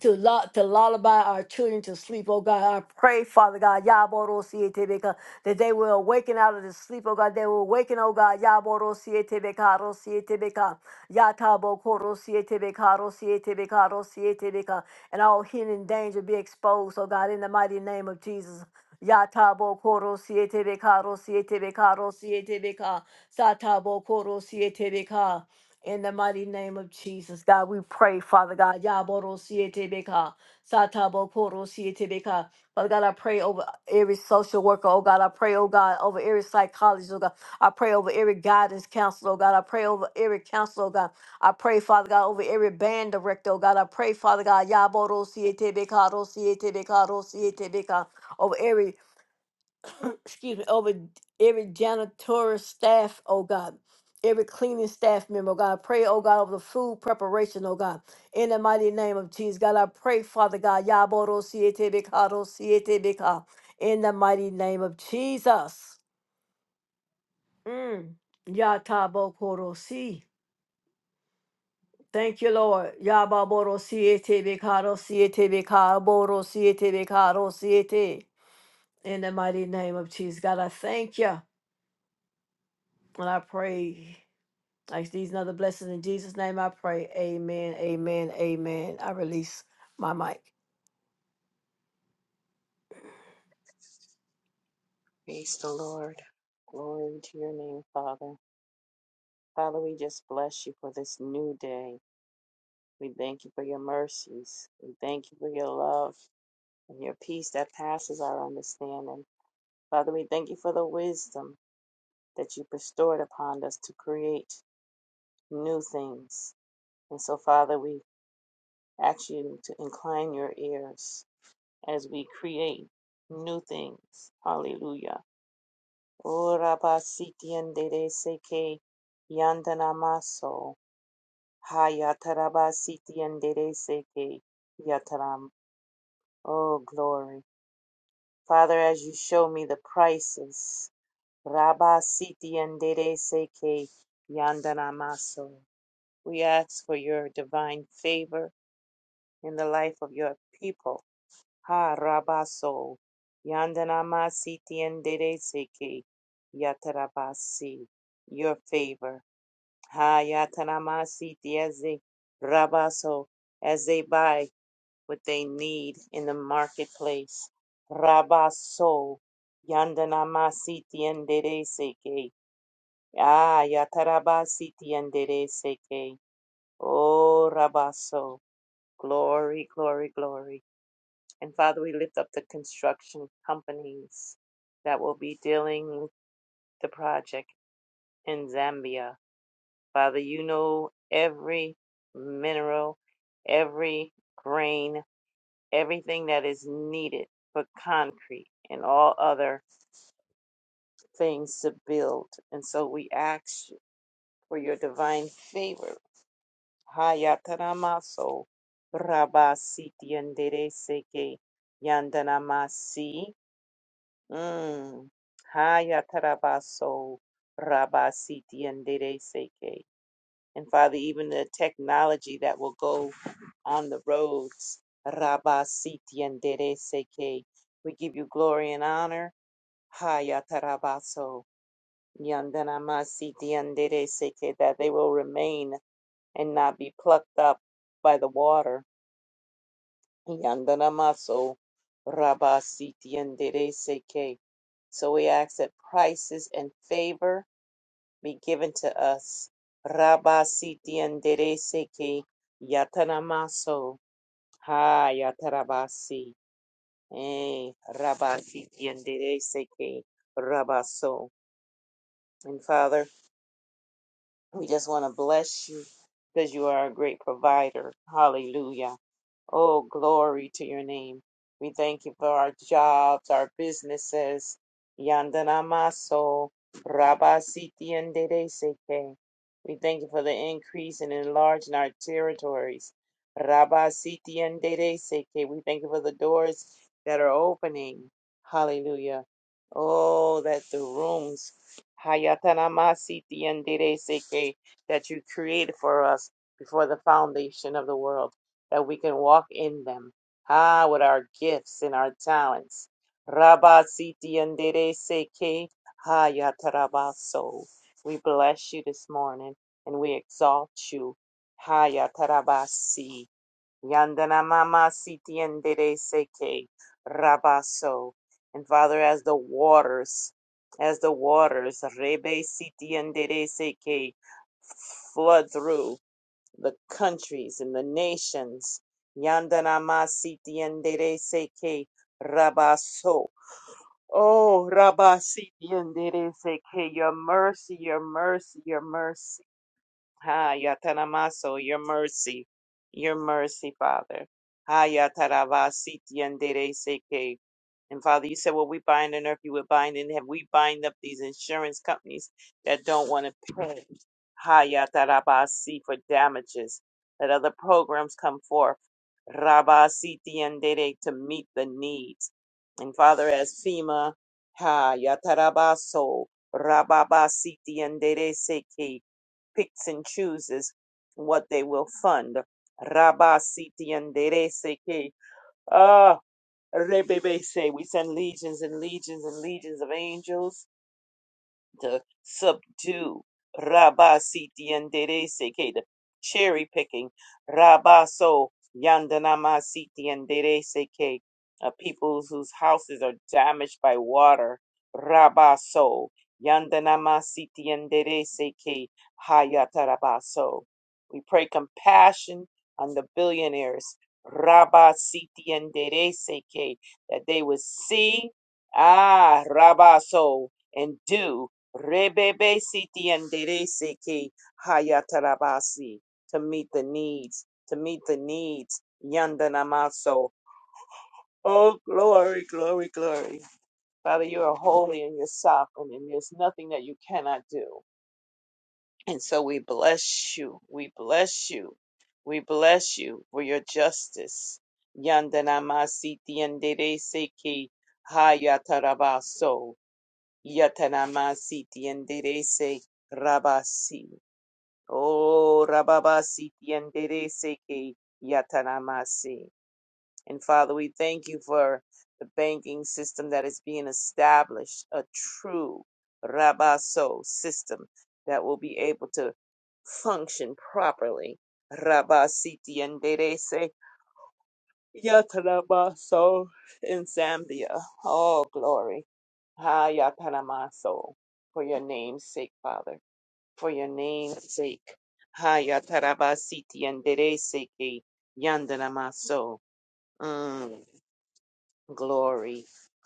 A: to lu- to lullaby our children to sleep, oh God. I pray, Father God, Yaborosietebeka, that they will awaken out of the sleep, oh God. They will awaken, oh God, Yaborosietebeka, Rosietebeka, Yatabokorosietebeka, Rosietebeka, Rosietebeka, and all hidden danger be exposed, oh God, in the mighty name of Jesus. Yatabo koro siete beka ro siete beka ro siete beka satabo koro siete in the mighty name of Jesus, God, we pray, Father God. Yaboro siete beka, satabo koro siete beka. Father God, I pray over every social worker, oh God. I pray, oh God, over every psychologist, oh God. I pray over every guidance counselor, oh God. I pray over every counselor, oh God. I pray, Father God, over every band director, oh God. I pray, Father God, Yaboro siete beka, ro siete beka, ro siete beka, over every excuse me, over every janitorial staff, oh God, every cleaning staff member, oh God. I pray, oh God, over the food preparation, oh God. In the mighty name of Jesus, God, I pray, Father God, Yaboro Siete Bekado Siete Beka. In the mighty name of Jesus. Mm. Yatabo Koro Si. Thank you, Lord. Yababoro Siete Bekado Siete Beka Boro Siete Bekado Siete. In the mighty name of Jesus, God, I thank you and I pray. Like these and other blessings. In Jesus' name I pray. Amen. Amen. Amen. I release my mic.
B: Praise the Lord. Glory to your name, Father. Father, we just bless you for this new day. We thank you for your mercies. We thank you for your love and your peace that passes our understanding. Father, we thank you for the wisdom that you bestowed upon us to create new things. And so, Father, we ask you to incline your ears as we create new things. Hallelujah. Urabasitiendere seke yandanamaso. Hayatarabasitiendere seke yataram. Oh, glory. Father, as you show me the prices, rabasitiendere seke yandanamaso. We ask for your divine favor in the life of your people. Ha rabaso. Yandanamasitiendere seke yatarabasi. Your favor. Hayatanamasiti as they rabaso as they buy what they need in the marketplace. Rabaso yandanamasiti andereseke. Ah, yatarabasiti andereseke. Oh, rabaso. Glory, glory, glory. And Father, we lift up the construction companies that will be dealing with the project in Zambia. Father, you know every mineral, every grain, everything that is needed for concrete and all other things to build. And so we ask you for your divine favor. Hayataramaso Rabasiti Yandereseke Yandanamasi. Mm. Hayatarabaso Rabasiti Yandereseke. And Father, even the technology that will go on the roads. Rabba Siti and Dere Seke. We give you glory and honor. Haya Tarabaso. Yandanama Siti and Dere Seke. That they will remain and not be plucked up by the water. Yandanamaso. Rabba Siti and Dere Seke. So we ask that prices and favor be given to us. Rabba siti enderece que yatanamaso. Ha yatarabasi. Eh, rabba siti enderece que rabaso. And Father, we just want to bless you because you are a great provider. Hallelujah. Oh, glory to your name. We thank you for our jobs, our businesses. Yandana maso, rabasiti endereseke. We thank you for the increase and enlarging our territories. Rabasiti endereseke. We thank you for the doors that are opening. Hallelujah. Oh, that the rooms, hayatana masiti endereseke, that you created for us before the foundation of the world that we can walk in them. Ah, with our gifts and our talents. Rabba Siti Andere Seke Hayatarabaso. We bless you this morning and we exalt you. Hayatarabasi. Yandana Mama Siti Andere Seke Rabaso. And Father, as the waters, as the waters, Rebe Siti Andere Seke flood through the countries and the nations. Yandanama sitiendere seke rabaso. Oh, rabasitiendere seke, your mercy, your mercy, your mercy. Ha Yatanamaso, your mercy, your mercy, Father. Ha Yatarabasiti and Seke. And Father, you said what we bind on earth, you would bind in heaven. We bind up these insurance companies that don't want to pay. Ha Yatarabasi for damages. Let other programs come forth. Rabasiti and Dere to meet the needs. And Father, as FEMA, Ha Yatarabaso, Rababasiti and Dere Seke picks and chooses what they will fund. Rabba siti andere seke. Ah, rebebe say We send legions and legions and legions of angels to subdue. Rabba siti andere sekeda. Cherry picking. Rabba so yandanama siti andere seke. uh, Peoples whose houses are damaged by water. Rabba so yandanama siti andere seke. Hayatarabaso. We pray compassion on the billionaires. Rabba siti andere seke. That they would see. Ah, Rabba so and do. Rebebe siti enderece que hayatarabasi to meet the needs, to meet the needs. Yandanamaso. Oh, glory, glory, glory. Father, you are holy and you're sovereign, and there's nothing that you cannot do. And so we bless you. We bless you. We bless you for your justice. Yandanamasiti enderece que hayatarabaso. Yatanamasi tienderese rabasi. Oh, rababasi tienderese ke yatanamasi. And Father, we thank you for the banking system that is being established, a true rabaso system that will be able to function properly. Rabasi tienderese Yatanamaso in Zambia. Oh, glory. Ha Yatanamaso. For your name's sake, Father. For your name's sake. Ha Yatarabasiti and Dereseke Yandanamaso. Mm, Glory.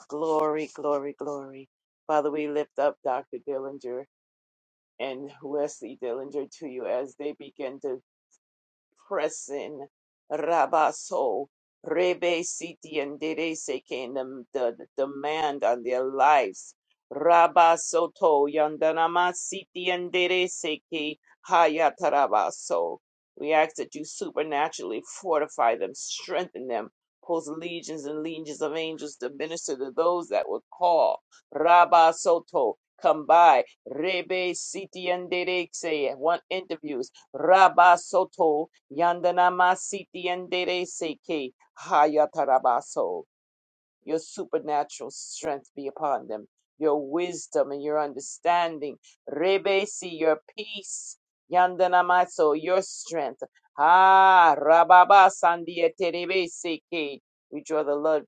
B: Glory, glory, glory. Father, we lift up Dr. Dillinger and Wesley Dillinger to you as they begin to pressing Rabaso Rebe Siti and Dede Seken the, the demand on their lives. Rabasoto Yandanama Siti and Dede Seki Hayatarabaso. We ask that you supernaturally fortify them, strengthen them, cause legions and legions of angels to minister to those that would call. Rabasoto come by. Rebe Siti and Dede Seke want interviews Rabasoto Yandana Masiti Yandere Seke Hayatarabaso. Your supernatural strength be upon them, your wisdom and your understanding. Rebesi, your peace. Yandana Maso, your strength. Ah, Rababa Sandieterebe Seke. We draw the blood,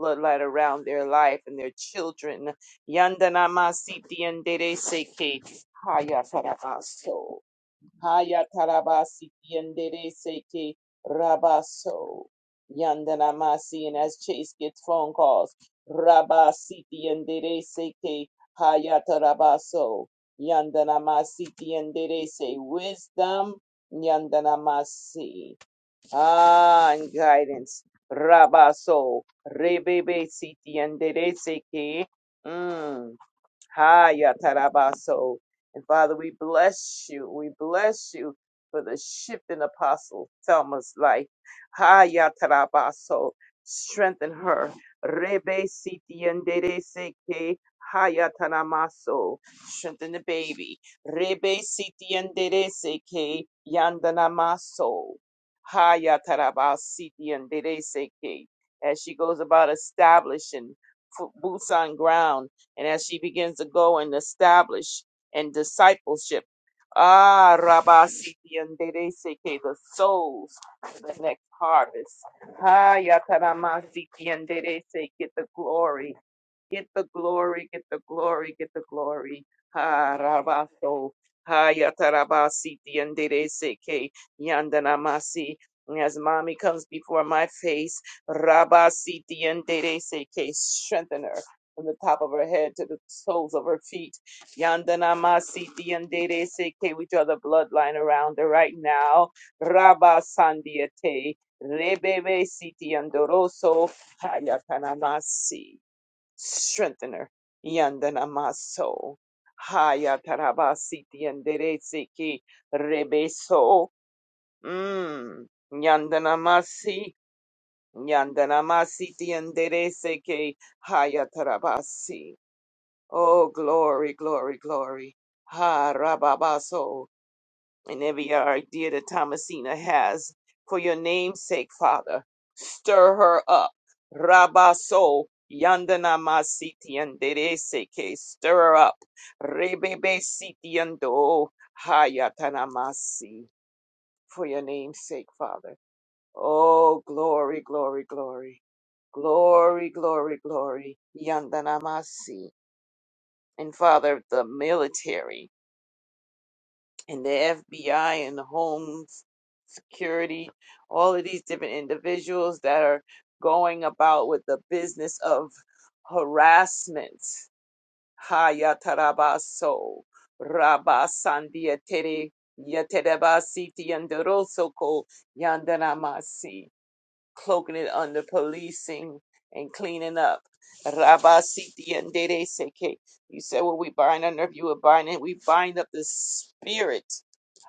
B: bloodline around their life and their children. Yandana Masiti Yandere Seke Hayatarabaso. Haya tarabasi yandere seke rabaso yandana masi And as Chase gets phone calls, rabasi yandere seke haya tarabaso yandana masi yandere se wisdom yandanamasi. Ah, and guidance. Rabaso rebebe siti yandere seke. Mm. Haya Tarabaso. And Father, we bless you. We bless you for the shift in Apostle Thelma's life. Haya Tarabaso. Strengthen her. Rebe Siti and Seke. Haya Tanamaso. Strengthen the baby. Rebe Siti and Seke. Yandanamaso. Haya Tarabasiti and Seke. As she goes about establishing fo- boots on ground and as she begins to go and establish and discipleship. Ah, Rabasiti and Dede seke the souls, the next harvest. Ah, Yataramasiti and Dedeseke, the glory. Get the glory, get the glory, get the glory. Ha rabaso. Ha yatarabasi tiendereseke yandanamasi. As mommy comes before my face, rabasi tiendereseke. Strengthen her from the top of her head to the soles of her feet. Yandanamasi tiendereseke. We draw the bloodline around her right now. Rabasandiate. Rebebe siti yandoroso, andoroso. Hayatanamasi. Strengthener, her. Yandana maso. Haya tarabasi tienderesi ki rebeso. Mm. Yandana masi. Yandana masi tienderesi ki haya tarabasi. Oh, glory, glory, glory. Ha rababaso and every idea that Thomasina has for your name's sake, Father. Stir her up. Rabaso yandana masiti andereseke. Stir her up. Rebebe siti ando hayatanamasi. For your name's sake, Father. Oh, glory, glory, glory. Glory, glory, glory. Yandanamasi. And Father, the military. and the FBI and the Home Security, all of these different individuals that are going about with the business of harassment. Hayatarabaso, Rabasandia Tere, Yatereba Siti Yanderosoko, Yandanamasi cloaking it under policing and cleaning up. Rabba Siti and Dede Seke. You said "Well, we bind under earth, you would bind it. We bind up the spirit.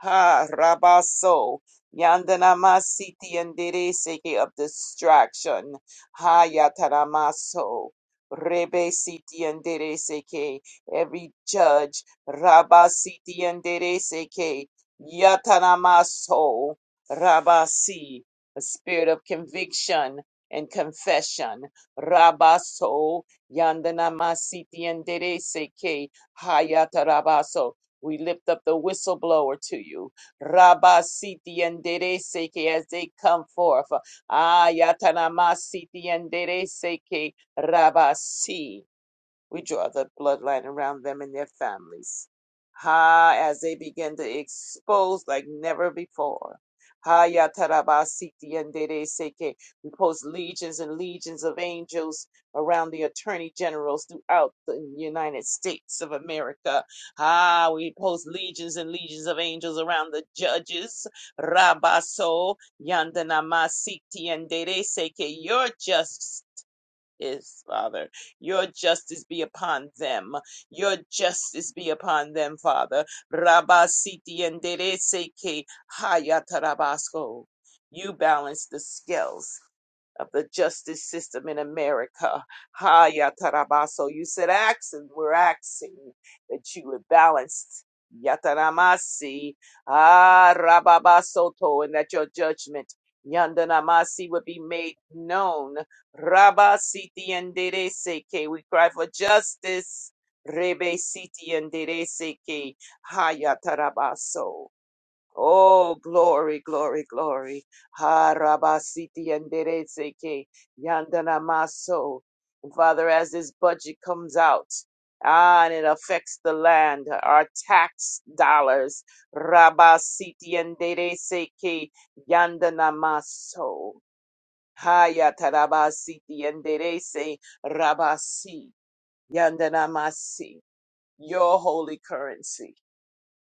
B: Ha Rabba So. Yandanama Siti and Dede Seke of distraction. Ha Yatarama So. Rebe Siti and Dede Seke. Every judge. Rabba Siti and Dede Seke. Yatarama So. Rabasi. A spirit of conviction and confession. Rabaso yandana masiti andere seke hayata rabaso. We lift up the whistleblower to you. Rabasiti andere seke as they come forth. Ayatana masiti andere seke rabasi. We draw the bloodline around them and their families. Ha, as they begin to expose like never before. Ha, ya tarabasiti and dede seke. We post legions and legions of angels around the attorney generals throughout the United States of America. Ha! we post legions and legions of angels around the judges. Rabaso, Yandanamasiti and Dere Seke, your justice is, Father. Your justice be upon them. Your justice be upon them, Father. Rabba siti enderece que haya tarabasko. You balance the scales of the justice system in America. ha Haya Tarabaso, you said asking, we're asking that you would balance Yataramasi, ah, Rababasoto, and that your judgment, Yandanamasi, would be made known. rabasiti Siti Seke, we cry for justice. Rebe Siti and ha Haya Tarabaso. Oh, glory, glory, glory. Ha Harabasiti yanderezeke yandana maso. And Father, as this budget comes out, ah, and it affects the land, our tax dollars. Rabasiti yanderezeke yandana maso. Haya tarabasiti yandereze rabasi yandana masi. Your holy currency,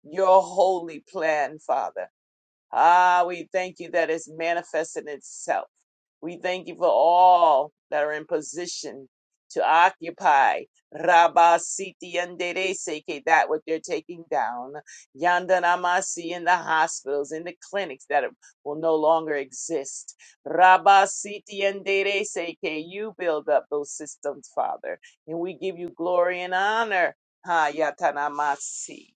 B: your holy plan, Father. Ah, we thank you that it's manifesting itself. We thank you for all that are in position to occupy Rabba Siti Seke, that what they're taking down. Yandanamasi in the hospitals, in the clinics that will no longer exist. Rabba Siti Seke, you build up those systems, Father, and we give you glory and honor. Ha Yatanamasi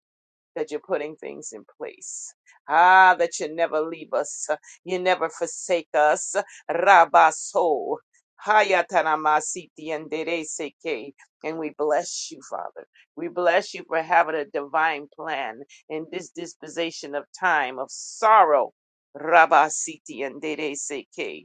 B: that you're putting things in place. Ah, that you never leave us. You never forsake us. Rabaso. Hayatanamasiti and Dereseke. And we bless you, Father. We bless you for having a divine plan in this disposition of time of sorrow. Rabasiti and Dereseke.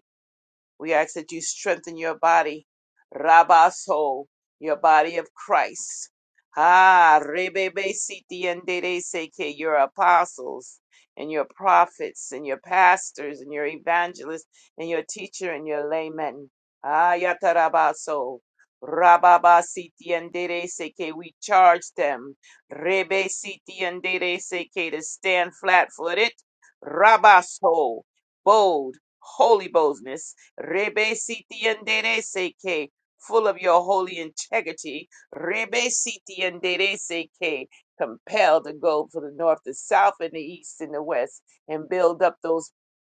B: We ask that you strengthen your body, Rabaso, your body of Christ. Ah, Rebebe Siti and Dede Seke, your apostles and your prophets and your pastors and your evangelists and your teacher and your laymen. Ah, Yatarabaso. Rababa Siti and Dede Seke, we charge them. Rebe Siti and Dede Seke to stand flat footed. Rabaso, bold, holy boldness Rebe siti endere seke, full of your holy integrity. Rebe siti endere seke, compelled to go for the north, the south, and the east, and the west, and build up those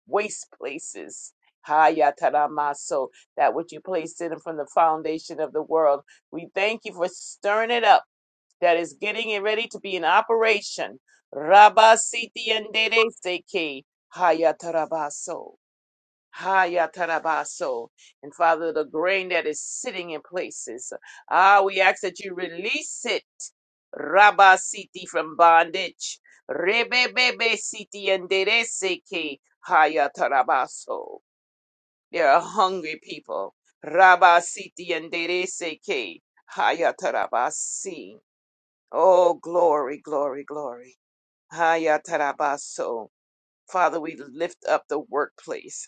B: waste places. Hayataramaso, that which you placed in them from the foundation of the world. We thank you for stirring it up. That is getting it ready to be in operation. Rabba siti endere seke, hayatarabaso. Hayatarabaso. And Father, the grain that is sitting in places, ah, we ask that you release it. Rabasiti from bondage. Rebebebe siti endereseke. Hayatarabaso. There are hungry people. Rabasiti endereseke. Hayatarabasi. Oh, glory, glory, glory. Hayatarabaso. Father, we lift up the workplace.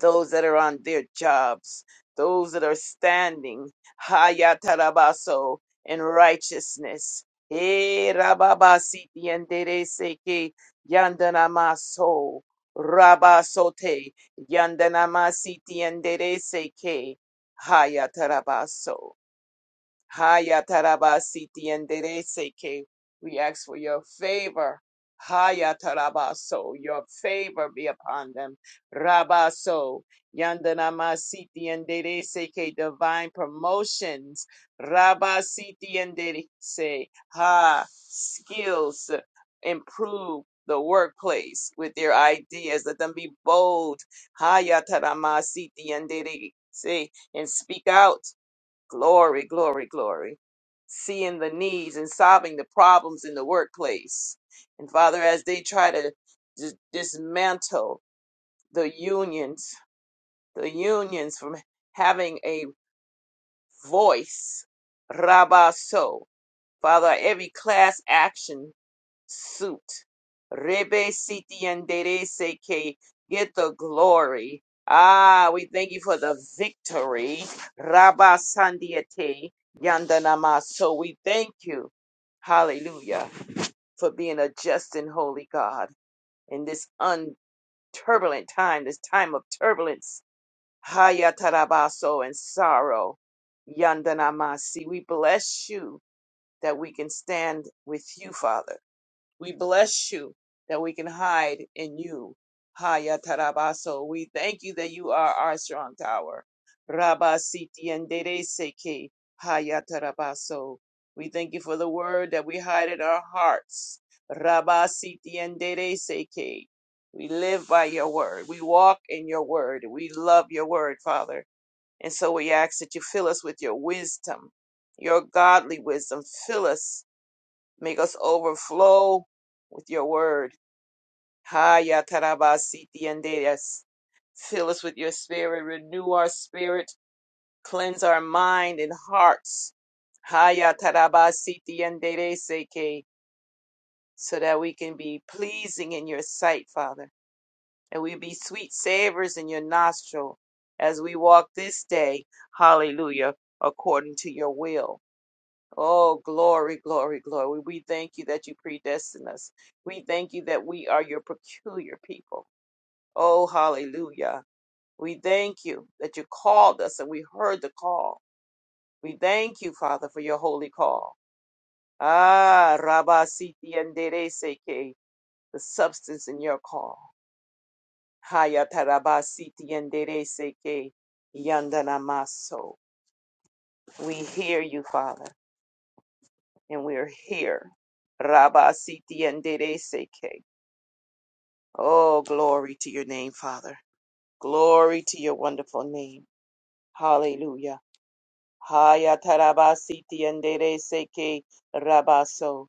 B: those that are on their jobs, those that are standing hayatarabaso in righteousness. Eh, rababasiti yandereseke yandanamaso rabasote yandanamasiti yandereseke hayatarabaso. Haya tarabasiti enderezeke. We ask for your favor. Haya tarabaso. Your favor be upon them. Rabaso. Yandanamasiti enderezeke. Divine promotions. Rabasiti endereze. Ha. Skills. Improve the workplace with their ideas. Let them be bold. Haya taramasiti endereze. And speak out. Glory, glory, glory. Seeing the needs and solving the problems in the workplace. And Father, as they try to dis- dismantle the unions, the unions from having a voice, Rabaso, Father, every class action suit. Rebe siti yanderese ke get the glory. Ah, we thank you for the victory. Rabba sandiate yandanama. So we thank you, hallelujah, for being a just and holy God in this unturbulent time, this time of turbulence, hayatarabaso and sorrow. Yandanamasi. We bless you that we can stand with you, Father we bless you that we can hide in you. Haya Tarabaso. We thank you that you are our strong tower. Rabba Siti and Dede Seke. Haya Tarabaso. We thank you for the word that we hide in our hearts. Rabba Siti and Dede Seke. We live by your word. We walk in your word. We love your word, Father. And so we ask that you fill us with your wisdom, your godly wisdom. Fill us Make us overflow with your word. Haya tarabasiti taraba anderes. Fill us with your spirit. Renew our spirit. Cleanse our mind and hearts. Haya tarabasiti taraba So that we can be pleasing in your sight, Father. And we be sweet savors in your nostril as we walk this day. Hallelujah. According to your will. Oh, glory, glory, glory. We thank you that you predestined us. We thank you that we are your peculiar people. Oh, hallelujah. We thank you that you called us and we heard the call. We thank you, Father, for your holy call. Ah, Rabba Siti Andere Seke, the substance in your call. Haya Taraba Siti Andere Seke, Yandana Maso. We hear you, Father, and we are here. Rabba Siti Andere Seke. Oh, glory to your name, Father. Glory to your wonderful name. Hallelujah. Haya tarabasiti andere seke rabaso.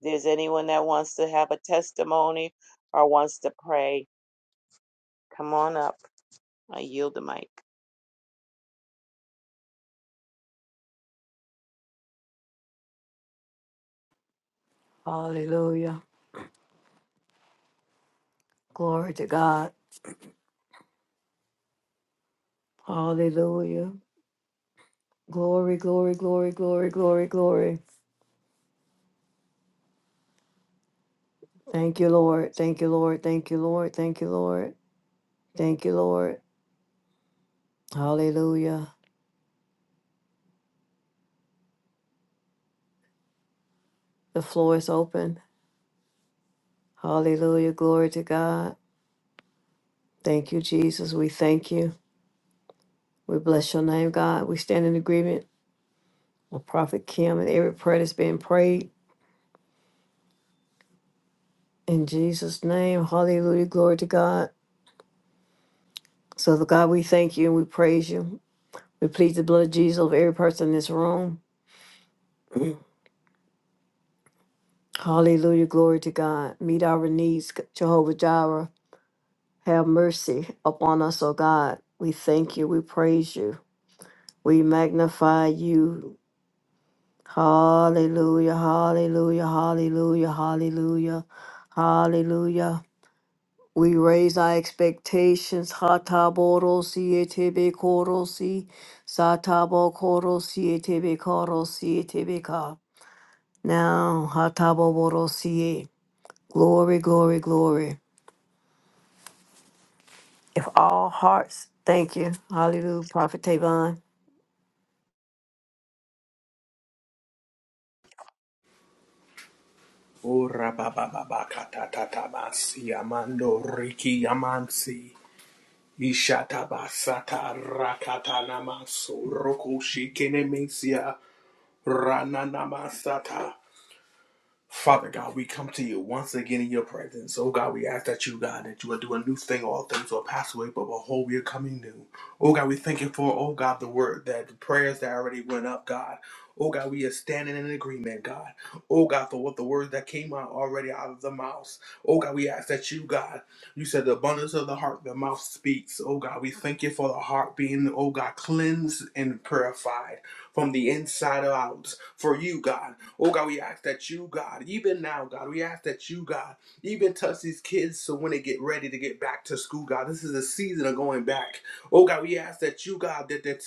B: If there's anyone that wants to have a testimony or wants to pray, come on up. I yield the mic.
A: Hallelujah. Glory to God. Hallelujah. Glory, glory, glory, glory, glory, glory. Thank you, Lord. Thank you, Lord. Thank you, Lord. Thank you, Lord. Thank you, Lord. Hallelujah. The floor is open. Hallelujah. Glory to God. Thank you, Jesus. We thank you. We bless your name, God. We stand in agreement with Prophet Kim and every prayer that's being prayed. In Jesus' name, hallelujah, glory to God. So, the God, we thank you and we praise you. We plead the blood of Jesus over every person in this room. Hallelujah, glory to God. Meet our needs, Jehovah Jireh. Have mercy upon us, O God. We thank you, we praise you, we magnify you. Hallelujah, hallelujah, hallelujah, hallelujah, hallelujah. We raise our expectations. Hataborosi etebe korosi, satabo korosi etebe korosi etebe ka. Now, hataborosi. Glory, glory, glory. If all hearts, thank you. Hallelujah, Prophet Tavon.
C: Ora baba baba kata amando riki amansi. Ishata basata rakata namasu rokushi kenemesia rana namasata. Father God, we come to you once again in your presence. Oh God, we ask that you, God, that you will do a new thing. All things will pass away, but behold, we are coming new. Oh God, we thank you for, oh God, the word, that the prayers that already went up, God. Oh God, we are standing in agreement, God. Oh God, for what the words that came out already out of the mouth. Oh God, we ask that you, God, you said the abundance of the heart, the mouth speaks. Oh God, we thank you for the heart being, oh God, cleansed and purified from the inside out. For you, God. Oh God, we ask that you, God, even now, God, we ask that you, God, even touch these kids so when they get ready to get back to school, God, this is a season of going back. Oh God, we ask that you, God, that the t-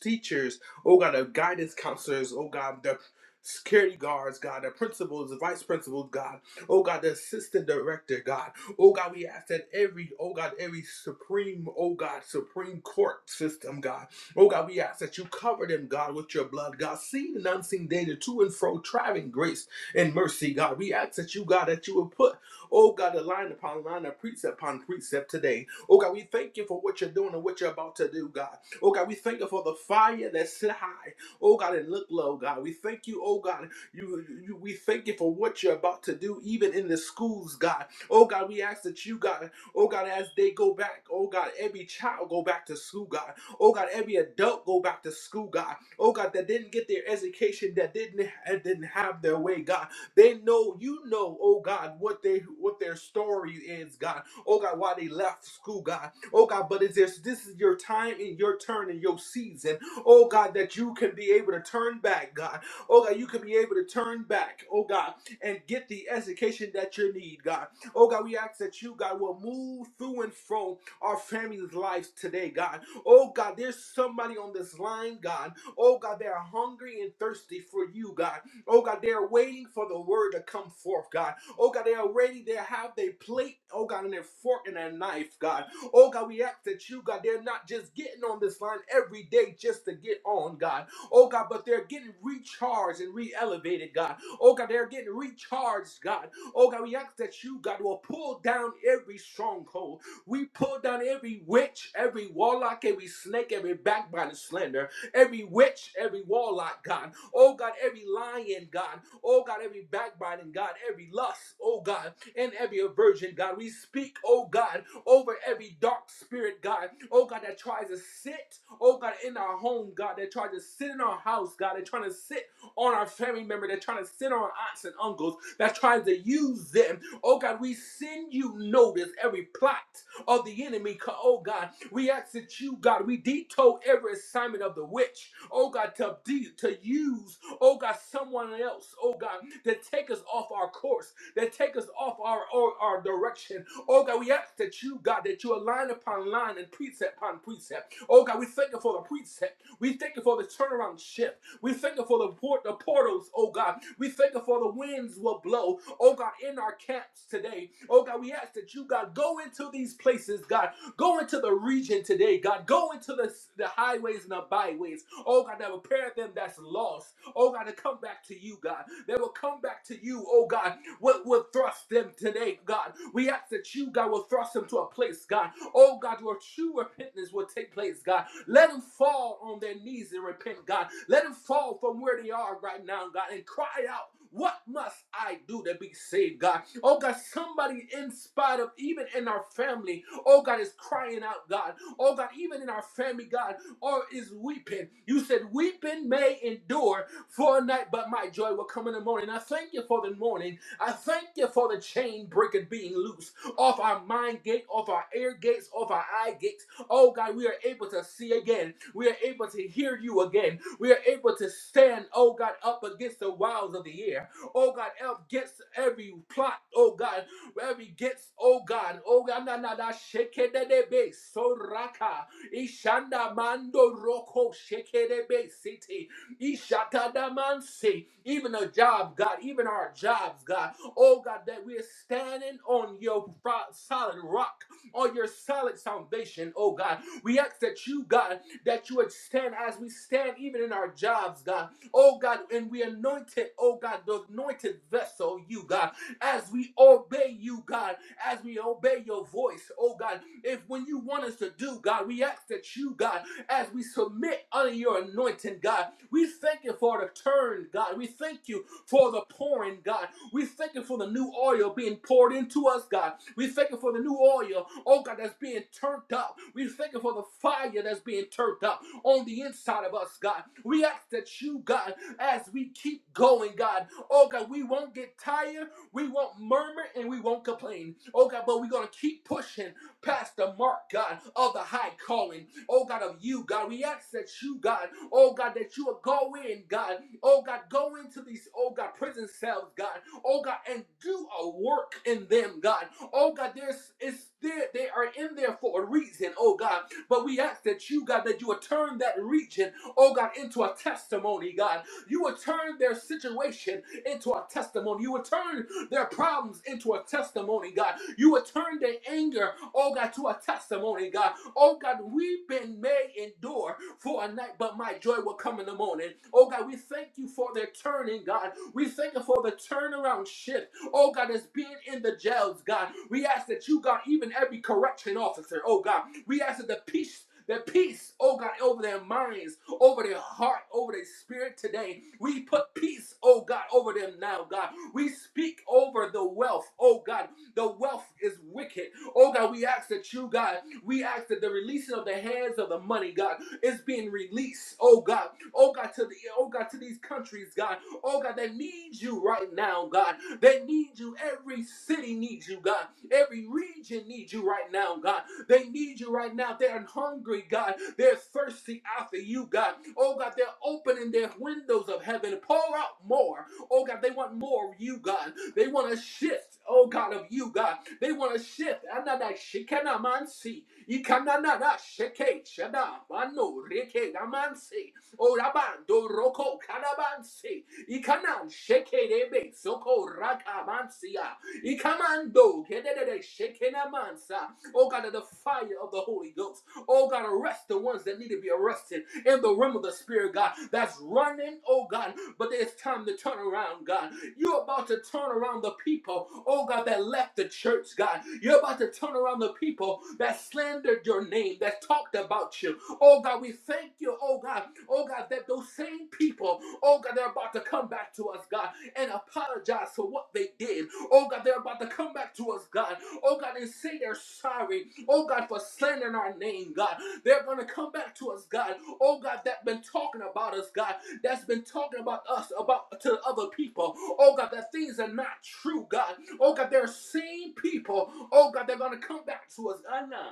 C: teachers, oh God, the guidance counselors, oh God, the security guards, God, the principals, the vice principals, God, oh God, the assistant director, God, oh God, we ask that every, oh God, every supreme, oh God, supreme court system, God. Oh God, we ask that you cover them, God, with your blood, God, seen and unseen danger, to and fro, driving grace and mercy, God. We ask that you, God, that you would put, oh God, a line upon line, a precept upon precept today. Oh God, we thank you for what you're doing and what you're about to do, God. Oh God, we thank you for the fire that sit high. Oh God, and look low, God. We thank you, oh God. You, you we thank you for what you're about to do, even in the schools, God. Oh God, we ask that you, God, oh God, as they go back, oh God, every child go back to school, God. Oh God, every adult go back to school, God. Oh God, that didn't get their education, that didn't that didn't have their way, God. They know you know, oh God, what they what their story is, God. Oh God, why they left school, God. Oh God, but is this this is your time and your turn and your season. Oh God, that you can be able to turn back, God. Oh God, you can be able to turn back, oh God, and get the education that you need, God. Oh God, we ask that you, God, will move through and from our families' lives today, God. Oh God, there's somebody on this line, God. Oh God, they are hungry and thirsty for you, God. Oh God, they are waiting for the word to come forth, God. Oh God, they are ready. They have their plate, oh God, and their fork and their knife, God. Oh God, we ask that you, God, they're not just getting on this line every day just to get on, God. Oh God, but they're getting recharged and re-elevated, God. Oh God, they're getting recharged, God. Oh God, we ask that you, God, will pull down every stronghold. We pull down every witch, every warlock, every snake, every backbiter slander, every witch, every warlock, God. Oh God, every lion, God. Oh God, every backbiting, God, every lust, oh God, and every aversion, God. We speak, oh God, over every dark spirit, God. Oh God, that tries to sit, oh God, in our home, God, that tries to sit in our house, God, They're trying to sit on our family member, They're trying to sit on our aunts and uncles, that tries to use them. Oh God, we send you notice every plot of the enemy. Oh God, we ask that you, God, we detour every assignment of the witch. Oh God, to de- to use, oh God, someone else. Oh God, to take us off our course, that take us off our, our our direction. Oh God, we ask that you, God, that you align upon line and precept upon precept. Oh God, we thank you for the precept. We thank you for the turnaround shift. We thank you for the port, the portals, oh God. We thank you for the winds will blow, oh God, in our camps today. Oh God, we ask that you, God, go into these places, God. Go into the region today, God. Go into the, the highways and the byways. Oh God, that will prepare them that's lost. Oh God, to come back to you, God. They will come back to you, oh God what will thrust them today, God. We ask that you, God, will thrust them to a place, God. Oh, God, where true repentance will take place, God. Let them fall on their knees and repent, God. Let them fall from where they are right now, God, and cry out. What must I do to be saved, God? Oh, God, somebody in spite of, even in our family, oh, God, is crying out, God. Oh, God, even in our family, God, or is weeping. You said, Weeping may endure for a night, but my joy will come in the morning. I thank you for the morning. I thank you for the chain breaker being loose off our mind gate, off our ear gates, off our eye gates. Oh God, we are able to see again. We are able to hear you again. We are able to stand, oh God, up against the wiles of the air. Oh God, up against every plot, oh God, every gets, oh God, oh God, na na na, shake it, so raka, ishanda mando roko, shake it, city. Ishakadamansi. Even a job, God, even our jobs, God. Oh, God, that we're standing on your ro- solid rock, on your solid salvation, oh, God. We ask that you, God, that you would stand as we stand even in our jobs, God. Oh, God, and we anointed, oh, God, the anointed vessel, you, God as we obey you, God, as we obey your voice, oh God. If when you want us to do, God, we ask that you, God, as we submit under your anointing, God, we thank you for the turn, God. We thank you for the pouring, God. We thank you for the new oil being poured into us, God. We thank you for the new oil, oh God, that's being turned up. We thank you for the fire that's being turned up on the inside of us, God. We ask that you, God, as we keep going, God, oh God, we won't get tired. We won't murmur and we won't complain. Oh God, but we're going to keep pushing past the mark, God, of the high calling. Oh God, of you, God. We ask that you, God, oh God, that you will go in, God. Oh God, go into these, oh God, prison cells, God. Oh God, and do a work in them, God. Oh God, there's it's there, they are in there for a reason, oh God. But we ask that you, God, that you will turn that region, oh God, into a testimony, God. You will turn their situation into a testimony. You will turn their problems into a testimony, God. You will turn their anger, oh God, to a testimony, God. Oh God, weeping may endure for a night, but my joy will come in the morning. Oh God, we thank you for their turning, God. We thank you for the turnaround shift, oh God, that's being in the jails, God. We ask that you, God, even every correction officer, oh God, we ask that the peace. The peace, oh God, over their minds, over their heart, over their spirit today. We put peace, oh God, over them now, God. We speak over the wealth, oh God. The wealth is wicked. Oh God, we ask that you, God, we ask that the releasing of the hands of the money, God, is being released, oh God. Oh God, to the oh God, to these countries, God. Oh God, they need you right now, God. They need you. Every city needs you, God. Every region needs you right now, God. They need you right now. They're hungry, God. They're thirsty after you, God. Oh God, they're opening their windows of heaven. to Pour out more. Oh God, they want more of you, God. They want a shift, oh God, of you, God. They want a shift. Anada shikana mansi. Ikananada sheke shada. Mano reke gamansi. Orabando roko kanabansi. Ikanan shekerebe soko rakamansia. Ikamando kedede shekenamansa. Oh God, the fire of the Holy Ghost. Oh God, arrest the ones that need to be arrested in the realm of the Spirit, God. That's running, oh God. But it's time to turn around, God. You're about to turn around the people, oh God, that left the church, God. You're about to turn around the people that slandered your name, that talked about you, Oh God, we thank you, oh God, oh God, that those same people, oh God, they're about to come back to us, God, and apologize for what they did. Oh God, they're about to come back to us, God. Oh God, and say they're sorry. Oh God, for slandering our name, God. They're gonna come back to us, God. Oh God, that been talking about us, God. That's been talking about us, about to other people. Oh God, that things are not true, God. Oh God, they're same people. Oh God, they're gonna come back to us. God. nah.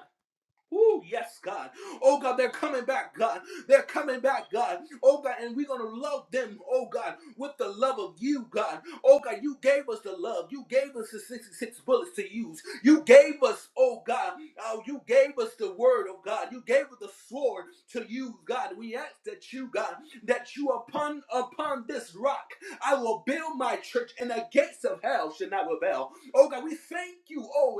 C: Ooh, yes, God. Oh, God, they're coming back, God. They're coming back, God. Oh, God, and we're going to love them, oh, God, with the love of you, God. Oh, God, you gave us the love. You gave us the 66 bullets to use. You gave us, oh, God, oh, you gave us the word, oh, God. You gave us the sword to use, God. We ask that you, God, that you upon upon this rock, I will build my church, and the gates of hell shall not rebel. Oh, God, we thank you, oh,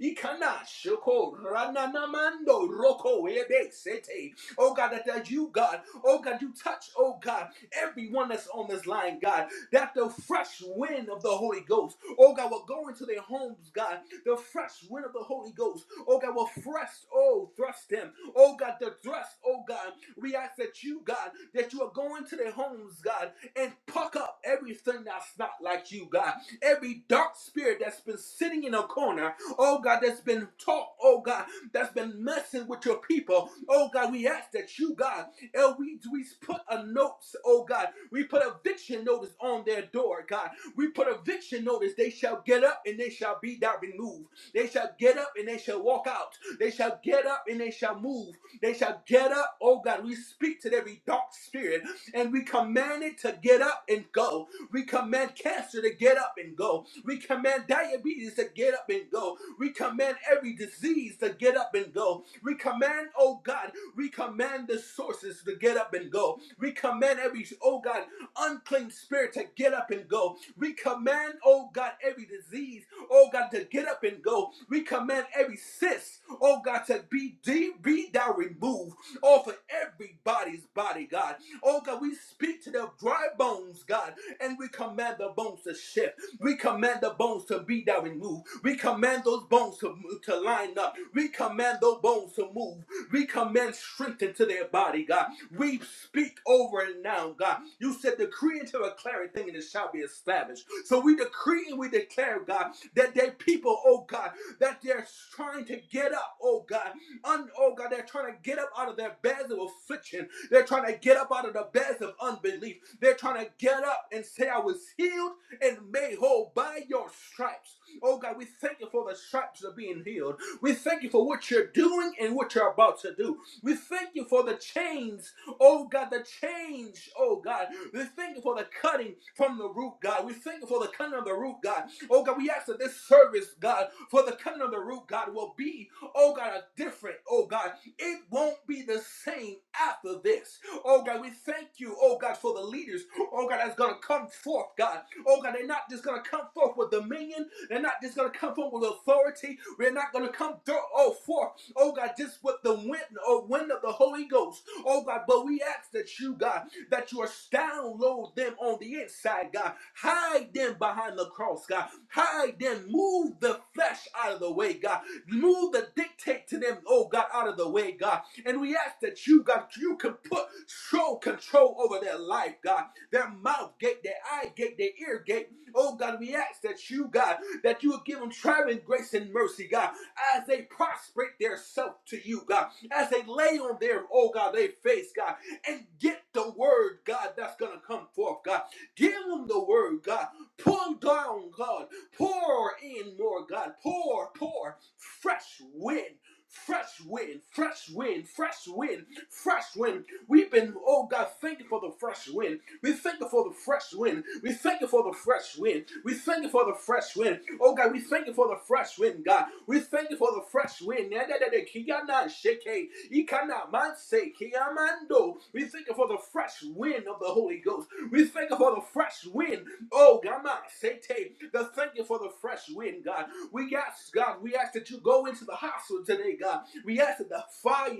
C: Ikana shoko rananamando roko ebe sete. Oh God, that, that you, God, oh God, you touch, oh God, everyone that's on this line, God, that the fresh wind of the Holy Ghost, oh God, will go into their homes, God, the fresh wind of the Holy Ghost, oh God, will fresh, oh, thrust them, oh God, the thrust, oh God, we ask that you, God, that you are going to their homes, God, and puck up everything that's not like you, God, every dark spirit that's been sitting in a corner, Oh God, that's been taught. Oh God, that's been messing with your people. Oh God, we ask that you, God, and we we put a notice. Oh God, we put eviction notice on their door. God, we put eviction notice. They shall get up and they shall be that removed. They shall get up and they shall walk out. They shall get up and they shall move. They shall get up. Oh God, we speak to every dark spirit and we command it to get up and go. We command cancer to get up and go. We command diabetes to get up and go. We command every disease to get up and go. We command, oh God, we command the sources to get up and go. We command every, oh God, unclean spirit to get up and go. We command, oh God, every disease, oh God, to get up and go. We command every cyst, oh God, to be deep, be thou removed off of everybody's body, God. Oh God, we speak to the dry bones, God and we command the bones to shift. We command the bones to be that we move. We command those bones to, move, to line up. We command those bones to move. We command strength into their body, God. We speak over it now, God. You said, decree and to declare a thing and it shall be established. So we decree and we declare, God, that they people, oh God, that they're trying to get up, oh God. Un- oh God, they're trying to get up out of their beds of affliction they're trying to get up out of the beds of unbelief. They're trying to get up and say, I was healed and made whole by your stripes. Oh God, we thank you for the stripes of being healed. We thank you for what you're doing and what you're about to do. We thank you for the chains, oh God, the change, oh God. We thank you for the cutting from the root, God. We thank you for the cutting of the root, God. Oh God, we ask that this service, God, for the cutting of the root, God, will be, oh God, a different, oh God. It won't be the same after this. Oh God, we thank you, oh God, for the leaders, oh God, that's gonna come forth, God. Oh God, they're not just gonna come forth with dominion, they're not just gonna come forth with authority, we're not gonna come through, oh forth, oh God, just with the wind, oh wind of the Holy Ghost, oh God, but we ask that you, God, that you download them on the inside, God. Hide them behind the cross, God. Hide them. Move the flesh out of the way, God. Move the dictate to them, oh God, out of the way, God. And we ask that you, God, you can put show control over their life, God. Their mouth gate, their eye gate, their ear gate. Oh God, we ask that you, God, that you would give them traveling grace and mercy, God, as they prostrate their self to you, God, as they lay on their, oh God, their face, God, and get the word, God, that's gonna come forth, God. Give them the word, God. Pull down, God. Pour in more, God. Pour, pour. Fresh wind. Fresh wind, fresh wind, fresh wind, fresh wind. We've been, oh God, thank you for the fresh wind. We thank you for the fresh wind. We thank you for the fresh wind. We thank you for the fresh wind. Oh God, we thank you for the fresh wind, God. We thank you for the fresh wind. Yeah, yeah, yeah, we thank you for the fresh wind of the Holy Ghost. We thank you for the fresh wind. Oh, Gama, Sete. The thank you for the fresh wind, God. We ask, God, we ask that you go into the hospital today, God. We ask that the fire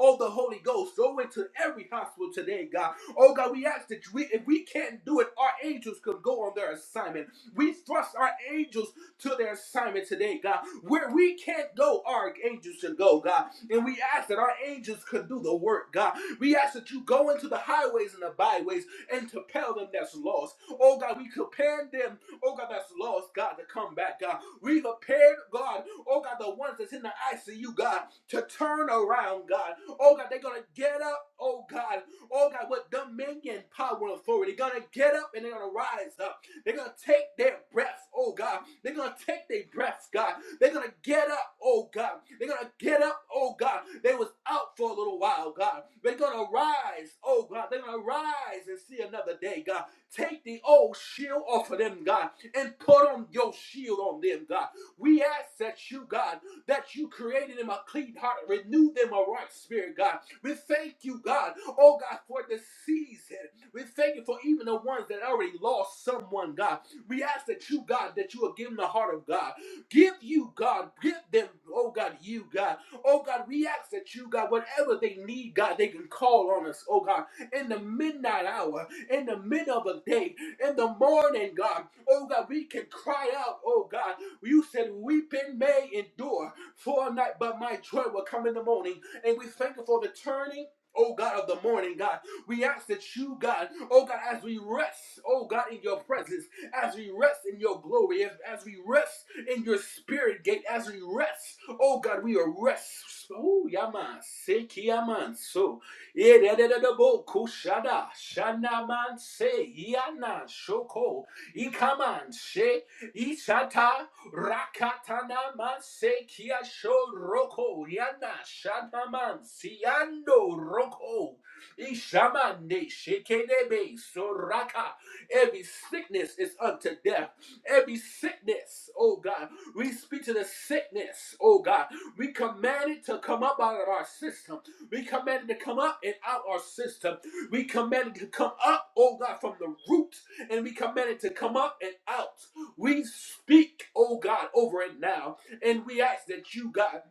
C: of the Holy Ghost go into every hospital today, God. Oh God, we ask that we, if we can't do it, our angels could go on their assignment. We thrust our angels to their assignment today, God. Where we can't go, our angels should go, God. And we ask that our angels could do the work, God. We ask that you go into the highways and the byways and to tell them that's lost. Oh God, we compare them, oh God, that's lost, God, to come back, God. We prepared, God, oh God, the ones that's in the ICU, God, to turn around, God. Oh God, they're gonna get up, oh God oh God, with dominion, power, and authority. They're gonna get up and they're gonna rise up. They're gonna take their breaths, oh God. They're gonna take their breaths, God. They're gonna get up, oh God. They're gonna get up, oh God. They was out for a little while, God. They're gonna rise, oh God. They're gonna rise and see another day, God. Take the old shield off of them, God, and put on your shield on them, God. We ask that you, God, that you created him a clean heart, renew them a right spirit, God. We thank you, God, oh God, for the season. We thank you for even the ones that already lost someone, God. We ask that you, God, that you will give them the heart of God. Give you, God, give them, oh God, you, God. Oh God, we ask that you, God, whatever they need, God, they can call on us, oh God, in the midnight hour, in the mid of the day, in the morning, God. Oh God, we can cry out, oh God. You said weeping may endure, for a night, but my joy will come in the morning. And we thank you for the turning. Oh God of the morning, God, we ask that you, God, oh God, as we rest, oh God, in your presence, as we rest in your glory, as, as we rest in your spirit gate, as we rest, oh God, we are rest. Oh, Yaman, Seki Yaman, so, Yedededebo, Kushada, Shanaman, Se, Yana, Shoko, Ikaman, She, Ishata, Rakatana Masekia Sho Roko Yana Shanaman Siando Roko Ishamande Shekedebe Soraka. Every sickness is unto death. Every sickness, oh God, we speak to the sickness, oh God. We command it to come up out of our system. We command it to come up and out our system. We command it to come up, oh God, from the root, and we command it to come up and out. We speak, oh God, over it now. And we ask that you, God,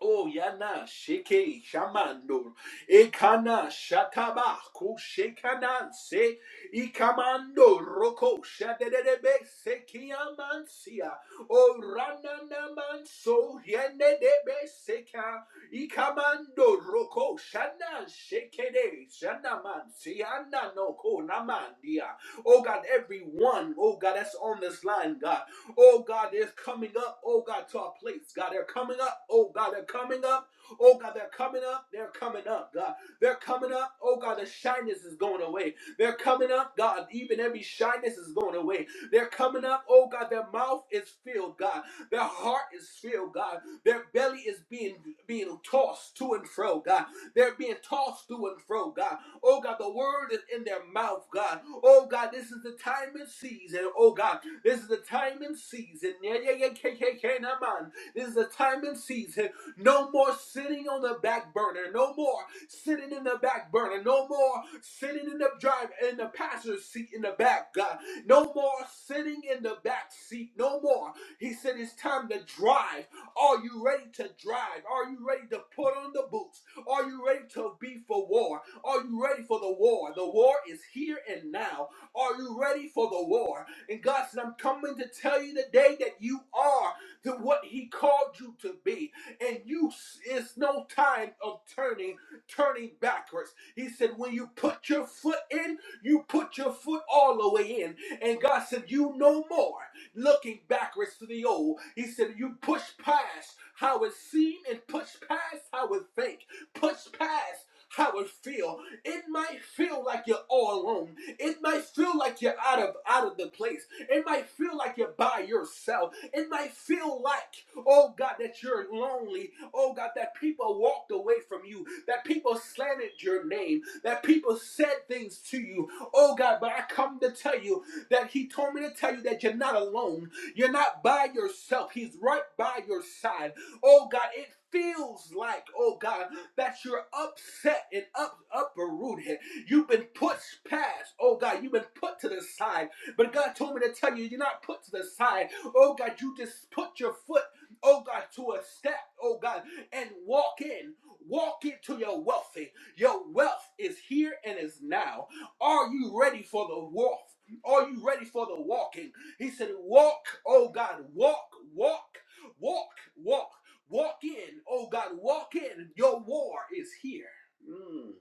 C: Oh yana sheke shamando ekana shataba ko shekana se ikamando roko shadedebe sekiamansia o ranana manso yenedebe seka ikamando roko shana shekede shana mansia noko namandia oh God everyone oh God that's on this line God Oh God, they're coming up. Oh God, to our place. God, they're coming up. Oh God, they're coming up. Oh God, they're coming up. They're coming up, God. They're coming up. Oh God, the shyness is going away. They're coming up, God. Even every shyness is going away. They're coming up. Oh God, their mouth is filled, God. Their heart is filled, God. Their belly is being being tossed to and fro, God. They're being tossed to and fro, God. Oh God, the word is in their mouth, God. Oh God, this is the time and season. Oh God, this is the time and season. Yeah, yeah, yeah, k, k, k, nah, man. This is the time and season. No more sitting on the back burner. No more sitting in the back burner. No more sitting in the drive in the passenger seat in the back, God. No more sitting in the back seat. No more. He said it's time to drive. Are you ready to drive? Are you ready to put on the boots? Are you ready to be for war? Are you ready for the war? The war is here and now. Are you ready for the war? And God said, I'm coming to tell you today that you are to what He called you to be. And you it's no time of turning, turning backwards. He said, when you put your foot in, you put your foot all the way in. And God said, You know more looking backwards to the old. He said, You push past how it seemed and push past how it think. Push past how it feel. It might feel like you're all alone. It might feel like you're out of out of the place. It might feel like you're by yourself. It might feel like, oh God, that you're lonely. Oh God, that people walked away from you. That people slandered your name. That people said things to you. Oh God, but I come to tell you that he told me to tell you that you're not alone. You're not by yourself. He's right by your side. Oh God, it feels like, oh God, that you're upset and up uprooted. You've been pushed past. Oh God, you've been put to the side. But God told me to tell you, you're not put to the side. Oh God, you just put your foot, oh God, to a step, oh God, and walk in. Walk into your wealthy. Your wealth is here and is now. Are you ready for the wealth? Are you ready for the walking? He said, Walk, oh God, walk, walk, walk, walk, walk in, oh God, walk in. Your war is here. Mm.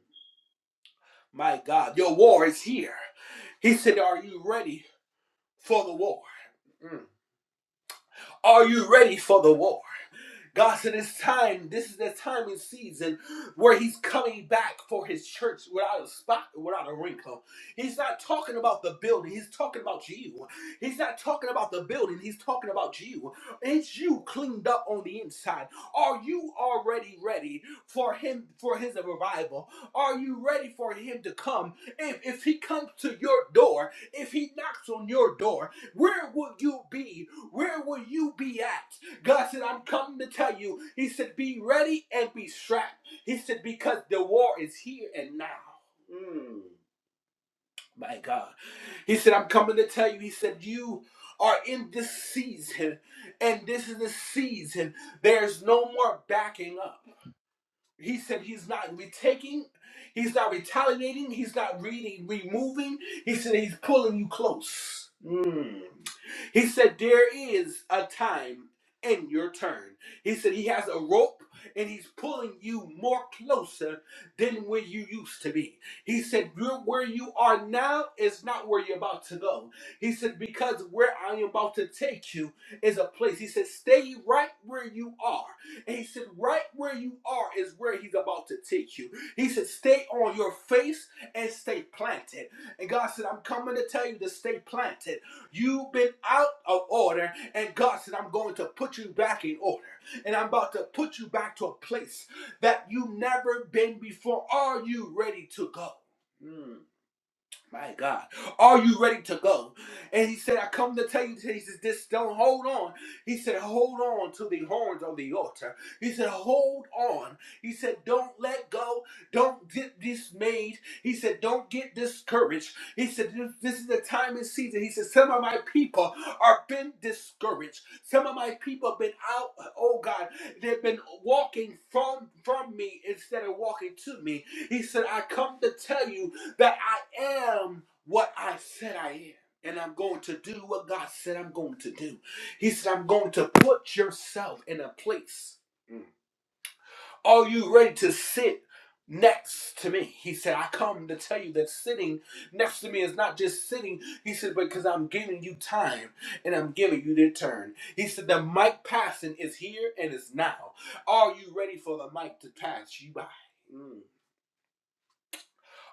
C: My God, your war is here. He said, Are you ready for the war? Mm. Are you ready for the war? God said it's time. This is the time and season where He's coming back for His church without a spot, without a wrinkle. He's not talking about the building. He's talking about you. He's not talking about the building. He's talking about you. It's you cleaned up on the inside. Are you already ready for Him for His revival? Are you ready for Him to come? If if He comes to your door, if He knocks on your door, where will you be? Where will you be at? God said, I'm coming to tell you. He said, be ready and be strapped. He said, because the war is here and now. Mm, my God. He said, I'm coming to tell you. He said, you are in this season, and this is the season. There's no more backing up. He said he's not retaking, he's not retaliating, he's not reading, removing. He said he's pulling you close. Mm. He said there is a time in your turn. He said he has a rope and he's pulling you more closer than where you used to be. He said you're where you are now is not where you're about to go. He said because where I am about to take you is a place. He said stay right where you are and he said, right where you are is where he's about to take you. He said, stay on your face and stay planted. And God said, I'm coming to tell you to stay planted. You've been out of order. And God said, I'm going to put you back in order. And I'm about to put you back to a place that you've never been before. Are you ready to go? Mm. My God, are you ready to go? And he said, I come to tell you, he says, this don't hold on. He said, hold on to the horns of the altar. He said, hold on. He said, don't let go. Don't get dismayed. He said, don't get discouraged. He said, this, this is the time and season. He said, some of my people are been discouraged. Some of my people have been out, oh God, they've been walking from, from me instead of walking to me. He said, I come to tell you that I am what I said I am. And I'm going to do what God said I'm going to do. He said, I'm going to put yourself in a place. Mm. Are you ready to sit next to me? He said, I come to tell you that sitting next to me is not just sitting. He said, because I'm giving you time and I'm giving you the turn. He said, the mic passing is here and it's now. Are you ready for the mic to pass you by? Mm.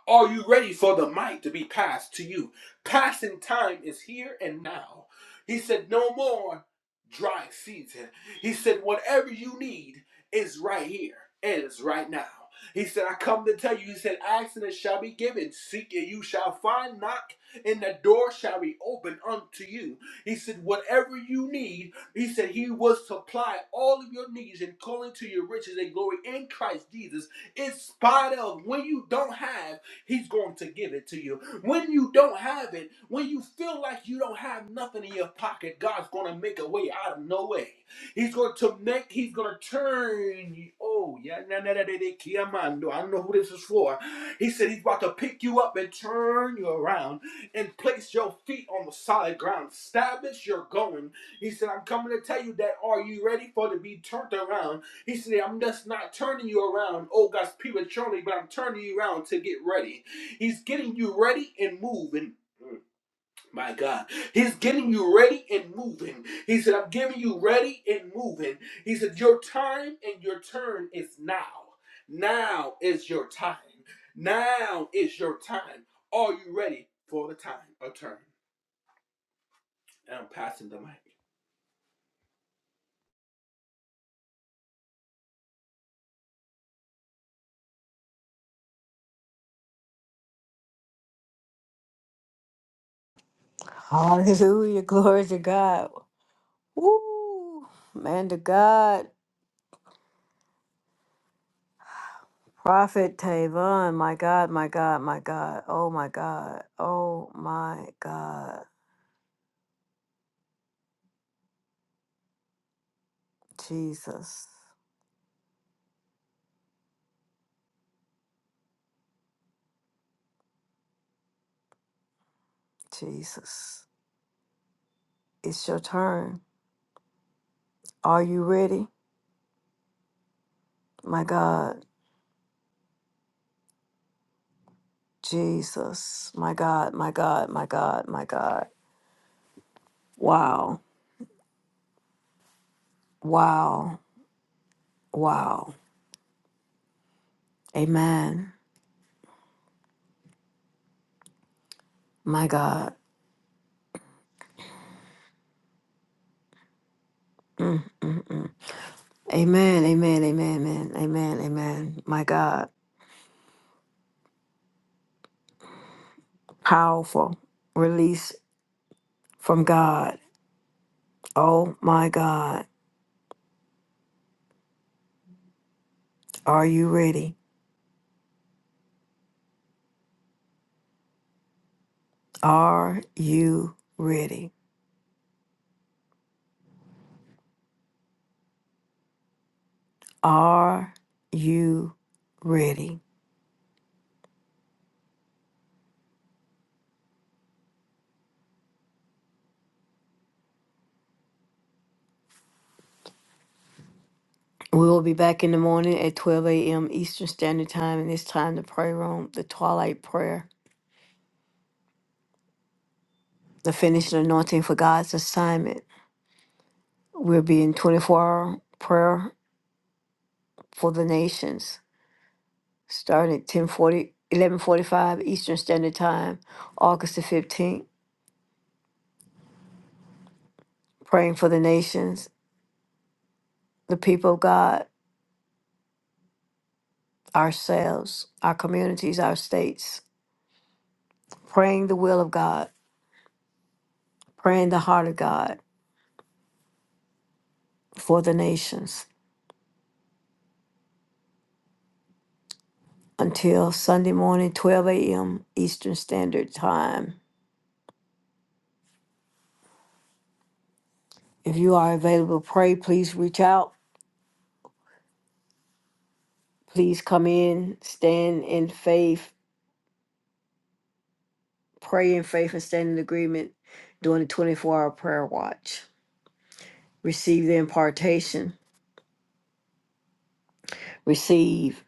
C: Are you ready for the mic to be passed to you? Passing time is here and now. He said, No more dry season. He said, Whatever you need is right here and it's right now. He said, I come to tell you, he said, Ask and it shall be given, seek and you shall find, knock and the door shall be opened unto you. He said, Whatever you need, he said, He will supply all of your needs and calling to your riches and glory in Christ Jesus in spite of when you don't have. He's going to give it to you. When you don't have it, when you feel like you don't have nothing in your pocket, God's going to make a way out of no way. He's going to make, he's going to turn you. Oh, yeah. na- na- na- na- na- Kiamando. I don't know who this is for. He said he's about to pick you up and turn you around and place your feet on the solid ground. Establish your going. He said, I'm coming to tell you that are you ready for to be turned around? He said, I'm just not turning you around, oh God, prematurely, but I'm turning you around to get ready. He's getting you ready and moving. Mm, My God, He's getting you ready and moving. He said, I'm giving you ready and moving. He said, Your time and your turn is now. Now is your time. Now is your time. Are you ready for the time of turn? And I'm passing the mic.
A: Hallelujah, glory to God. Woo! Man to God, Prophet Tavon. My God, my God, my God. Oh my God. Oh my God. Jesus. Jesus, it's your turn. Are you ready? My God, Jesus, my God, my God, my God, my God. Wow, wow, wow. Amen. My God. Mm-mm. Amen, amen, amen, amen, amen, amen. My God. Powerful release from God. Oh my God. Are you ready? Are you ready? Are you ready? We will be back in the morning at 12 a.m. Eastern Standard Time, and it's time to pray room, the twilight prayer, the finishing anointing for God's assignment. We'll be in 24-hour prayer for the nations, starting at 1040, 1145 Eastern Standard Time, August the 15th, praying for the nations, the people of God, ourselves, our communities, our states, praying the will of God, praying the heart of God for the nations. until Sunday morning, 12 a.m. Eastern Standard Time. If you are available, to pray. Please reach out. Please come in, stand in faith, pray in faith, and stand in agreement during the 24 hour prayer watch. Receive the impartation, receive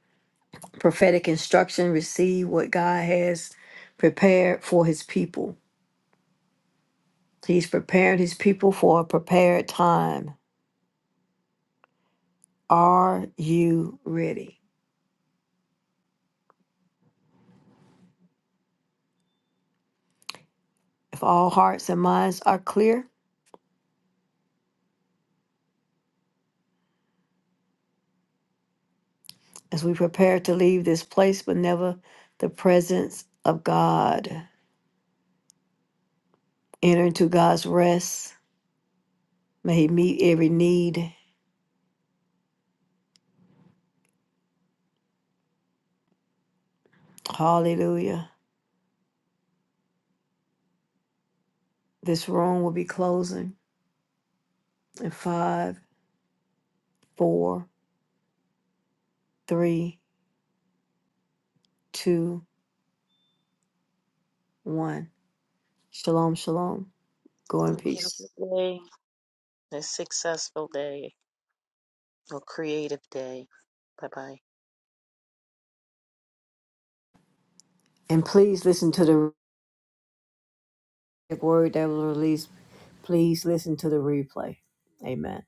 A: prophetic instruction, receive what God has prepared for his people. He's prepared his people for a prepared time. Are you ready? If all hearts and minds are clear, as we prepare to leave this place, but never the presence of God. Enter into God's rest. May He meet every need. Hallelujah. This room will be closing in five, four, three, two, one. Shalom, shalom. Go in
B: a
A: peace.
B: beautiful day, a successful day, a creative day. Bye bye.
A: And please listen to the word that was released. Please listen to the replay. Amen.